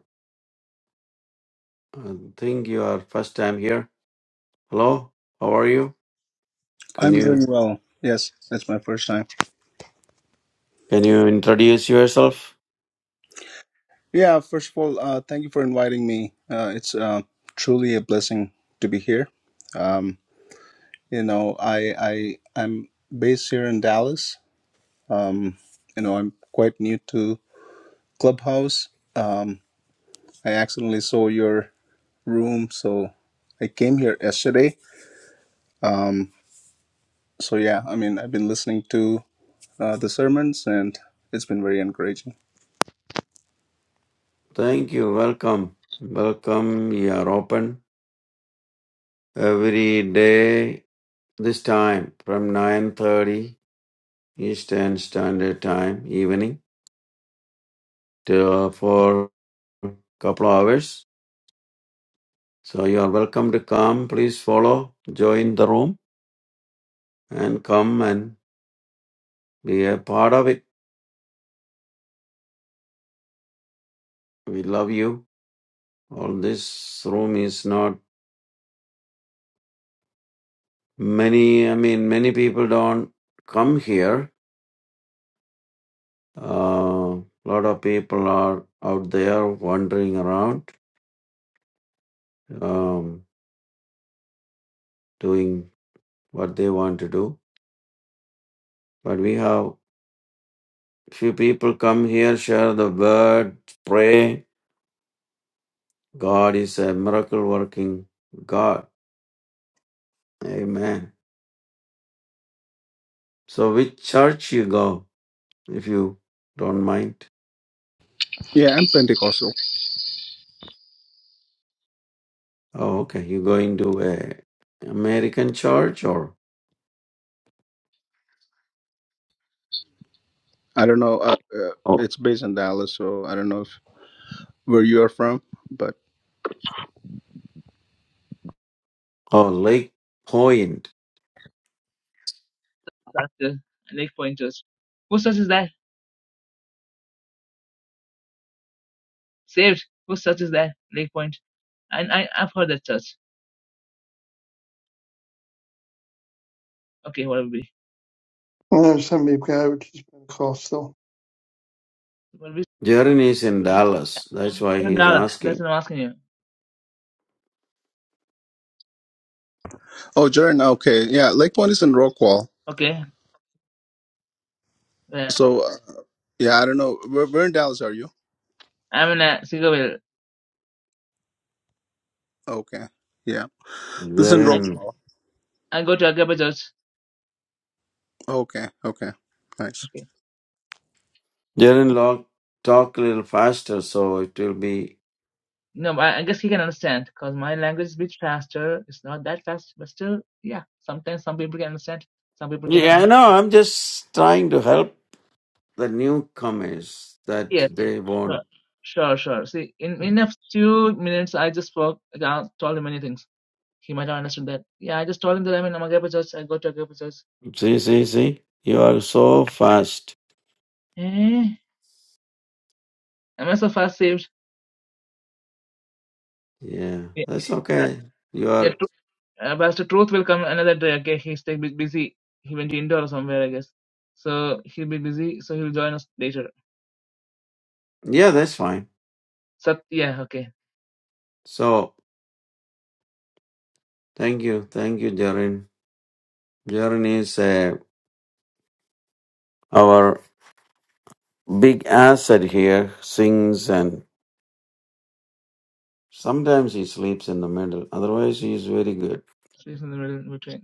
S2: I think you are first time here. Hello, how are you? Can
S6: I'm
S2: you
S6: doing well. Yes, it's my first time.
S2: can you introduce yourself?
S6: Yeah, first of all, uh, thank you for inviting me. Uh, it's uh, truly a blessing to be here. Um, you know, I I I'm based here in Dallas. Um, you know, I'm quite new to Clubhouse. Um, I accidentally saw your room, so I came here yesterday. Um, so yeah, I mean, I've been listening to uh, the sermons, and it's been very encouraging.
S2: Thank you. Welcome, welcome. You are open every day this time from nine thirty Eastern Standard Time evening to for couple of hours. So you are welcome to come. Please follow, join the room, and come and be a part of it. We love you All this room is not many. I mean, many people don't come here. A lot of people are out there wandering around, um, doing what they want to do. But we have few people come here, share the word, pray. God is a miracle working God. Amen. So, which church you go if you don't mind?
S6: Yeah, I'm Pentecostal.
S2: Oh, okay. You going to a American church or?
S6: I don't know. Uh, uh, it's based in Dallas, so I don't know if where you are from, but
S2: Oh, Lake Point.
S1: That's the Lake Point Church. Whose church is that? Saved. Whose church is that? Lake Point. And I, I've heard that church. Okay, what will be?
S5: Well, there's somebody who got it, which is Pentecostal.
S1: What will be?
S2: Jaren is in Dallas. That's why
S1: Ten
S2: he's
S1: dollars. That's
S2: asking.
S1: what I'm asking you.
S6: oh, Jordan. Okay, yeah, Lake Point is in Rockwall.
S1: Okay. Yeah.
S6: So uh, yeah, I don't know. Where, where in Dallas are you?
S1: I'm in a Seagoville.
S6: Okay, yeah, this is in
S1: I
S2: Jaren,
S6: Rockwall.
S1: I go to Agaba Church.
S6: Okay, okay, nice.
S1: Okay.
S2: Jaren, log, talk a little faster, so it will be.
S1: No, but I I guess he can understand because my language is a bit faster. It's not that fast, but still, yeah. Sometimes some people can understand, some people cannot
S2: Yeah, I
S1: understand.
S2: know. I'm just trying to help the newcomers that
S1: Yeah,
S2: they
S1: sure,
S2: won't.
S1: sure, sure. See, in in a few minutes, I just spoke. I told him many things. He might not understand that. Yeah, I just told him that I'm in Amagapa church. I go to Amagapa church.
S2: See, see, see. You are so fast.
S1: Eh, am I so fast saved?
S2: Yeah,
S1: Yeah,
S2: that's
S1: uh,
S2: okay. You
S1: yeah.
S2: are.
S1: Tr- uh, Pastor Truth will come another day. Okay, he's still bu- busy. He went to Indore or somewhere, I guess. So he'll be busy. So he'll join us later.
S2: Yeah, that's fine.
S1: Sat, yeah, okay.
S2: So, thank you, thank you, Jaren. Jaren is uh, our big asset here. Sings and Sometimes he sleeps in the middle. Otherwise, he is very good.
S1: She's in the middle between.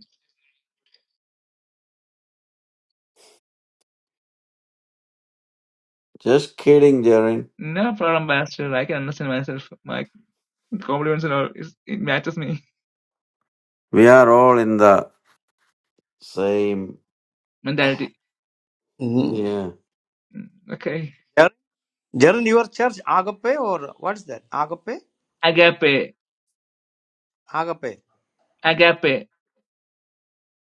S2: Just kidding, Jaren.
S1: No problem, Master. I can understand myself. My compliments and all is it matches me.
S2: We are all in the same.
S1: Mentality.
S3: Mm-hmm.
S2: Yeah.
S1: Mm, Okay.
S3: Jaren, Jaren, your church agape or what's that? Agape,
S1: Agape.
S3: agape,
S1: Agape.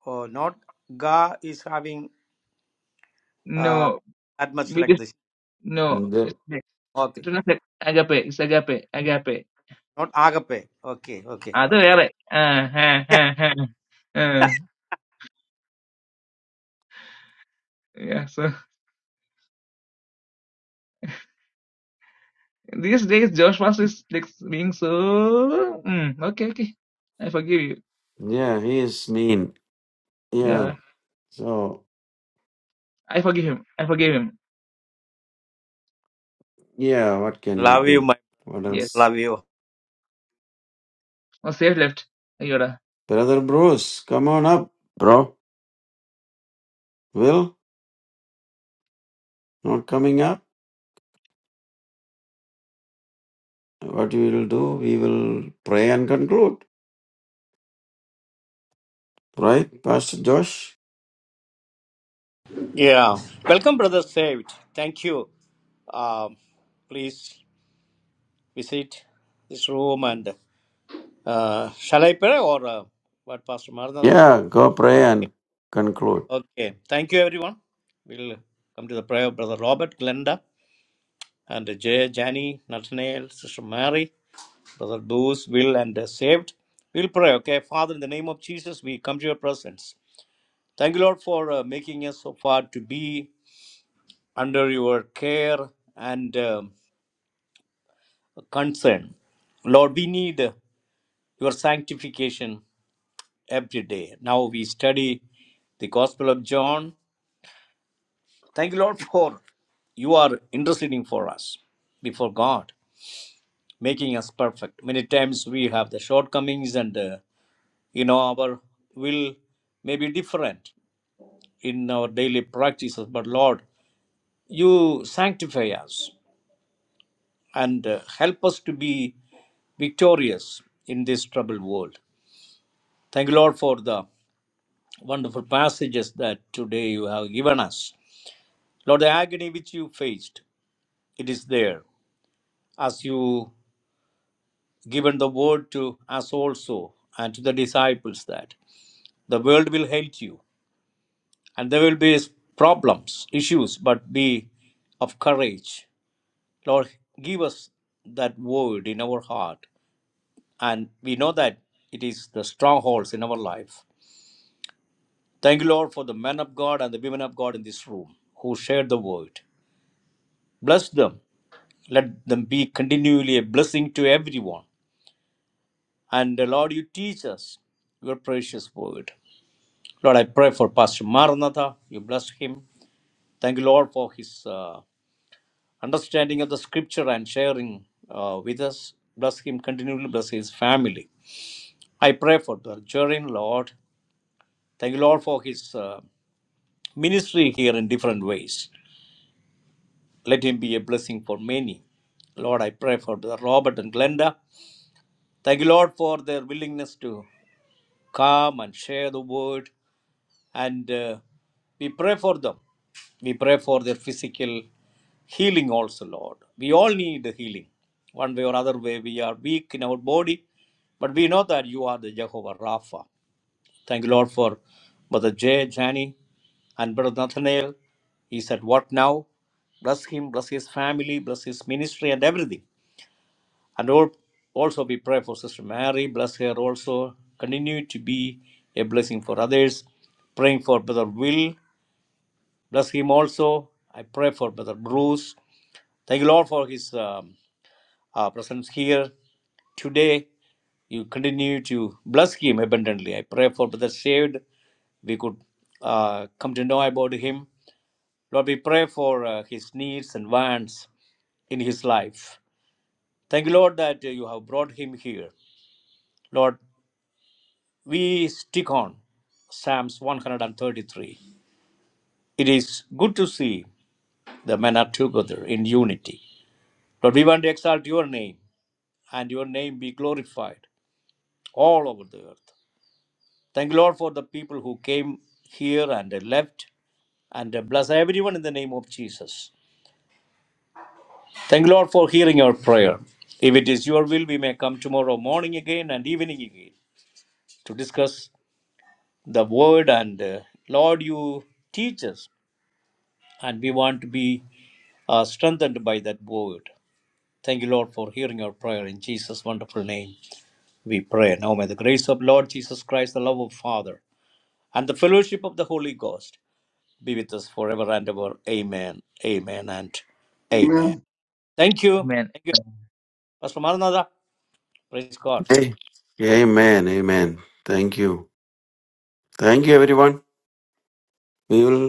S3: or not? Ga is having uh,
S1: No.
S3: that much
S1: We
S3: length.
S1: just no. It's
S2: The-
S1: okay.
S3: Okay,
S1: it's not
S3: okay.
S1: like agape. It's agape. Agape.
S3: not agape. Okay, okay,
S1: അത്
S3: okay.
S1: വേറെ ആ, ആ, ആ, ആ. Uh, yeah, so these days Josh Master is like being so mm, okay, okay. I forgive you.
S2: yeah, he is mean. Yeah.
S1: Yeah.
S2: So,
S1: I forgive him. I forgive him.
S2: yeah, what can we
S3: Love you,
S2: do?
S3: my
S2: What
S1: Yes.
S2: else?
S3: love you.
S1: Oh safe left. Yoda.
S2: Brother Bruce, come on up, bro. Will, not coming up. What we will do, we will pray and conclude. Right, Pastor Josh?
S3: Yeah. Welcome, Brother Saved. Thank you. Um, please visit this room and uh, shall I pray or uh, what, Pastor Maranatha?
S2: Yeah, go pray and conclude.
S3: Okay. Thank you, everyone. We'll come to the prayer of Brother Robert, Glenda, and Jay, Jani, Nathaniel, Sister Mary, Brother Bruce, Will, and uh, Saved. We'll pray, okay? Father, in the name of Jesus, we come to your presence. Thank you, Lord, for uh, making us so far to be under your care and um concern. Lord, we need uh, your sanctification every day. Now we study the Gospel of John Thank you, Lord, for you are interceding for us before God, making us perfect. Many times we have the shortcomings, and uh, you know our will may be different in our daily practices. But Lord, you sanctify us and uh, help us to be victorious in this troubled world. Thank you, Lord, for the wonderful passages that today you have given us. Lord, the agony which you faced, it is there as you given the word to us also and to the disciples that the world will hate you and there will be problems, issues, but be of courage. Lord, give us that word in our heart. And we know that it is the strongholds in our life. Thank you, Lord, for the men of God and the women of God in this room who shared the word. Bless them. Let them be continually a blessing to everyone. And uh, Lord, you teach us your precious word. Lord, I pray for Pastor Maranatha. You bless him. Thank you, Lord, for his uh, understanding of the scripture and sharing uh, with us. Bless him continually, bless his family. I pray for the Jerin, Lord. Thank you, Lord, for his uh, ministry here in different ways. Let him be a blessing for many. Lord, I pray for the Robert and Glenda. Thank you, Lord, for their willingness to come and share the word. And uh, we pray for them. We pray for their physical Healing also, Lord. We all need healing. One way or other way, we are weak in our body, but we know that you are the Jehovah Rapha. Thank you, Lord, for Brother Jay, Jani, and Brother Nathaniel. He's at work now. Bless him, bless his family, bless his ministry, and everything. And all, also, we pray for Sister Mary. Bless her also. Continue to be a blessing for others. Praying for Brother Will. Bless him also. I pray for Brother Bruce. Thank you, Lord, for his um, our presence here today. You continue to bless him abundantly. I pray for Brother Saved. We could uh, come to know about him. Lord, we pray for uh, his needs and wants in his life. Thank you, Lord, that uh, you have brought him here. Lord, we stick on Psalms 133. It is good to see the men are together in unity. Lord, we want to exalt your name and your name be glorified all over the earth. Thank you, Lord, for the people who came here and they left. And uh, bless everyone in the name of Jesus. Thank you, Lord, for hearing our prayer. If it is your will, we may come tomorrow morning again and evening again to discuss the word. And uh, Lord, you teach us, and we want to be uh, strengthened by that word. Thank you, Lord, for hearing our prayer. In Jesus' wonderful name, we pray. Now may the grace of Lord Jesus Christ, the love of Father, and the fellowship of the Holy Ghost be with us forever and ever. Amen. Amen and amen.
S5: Amen.
S3: Thank you.
S1: Man.
S3: Thank you. Pastor Maranatha. Praise God.
S2: Hey. Amen. Amen. Thank you. Thank you, everyone. We will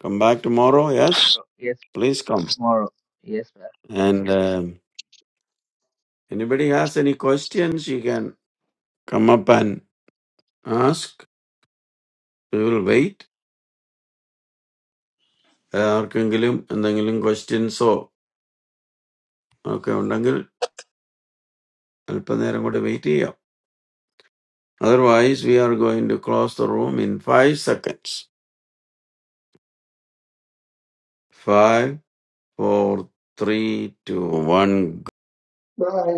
S2: come back tomorrow. Yes,
S1: Yes,
S2: please come.
S1: tomorrow. Yes.
S2: And um, anybody has any questions, you can come up and ask. We will wait. ആ, ആർക്കെങ്കിലും എന്തെങ്കിലും questions ഓ ഒക്കെ ഉണ്ടെങ്കിൽ അല്പനേരം കൂടി wait ചെയ്യാം Otherwise, we are going to close the room in five seconds. Five, four, three, two, one.
S5: Bye.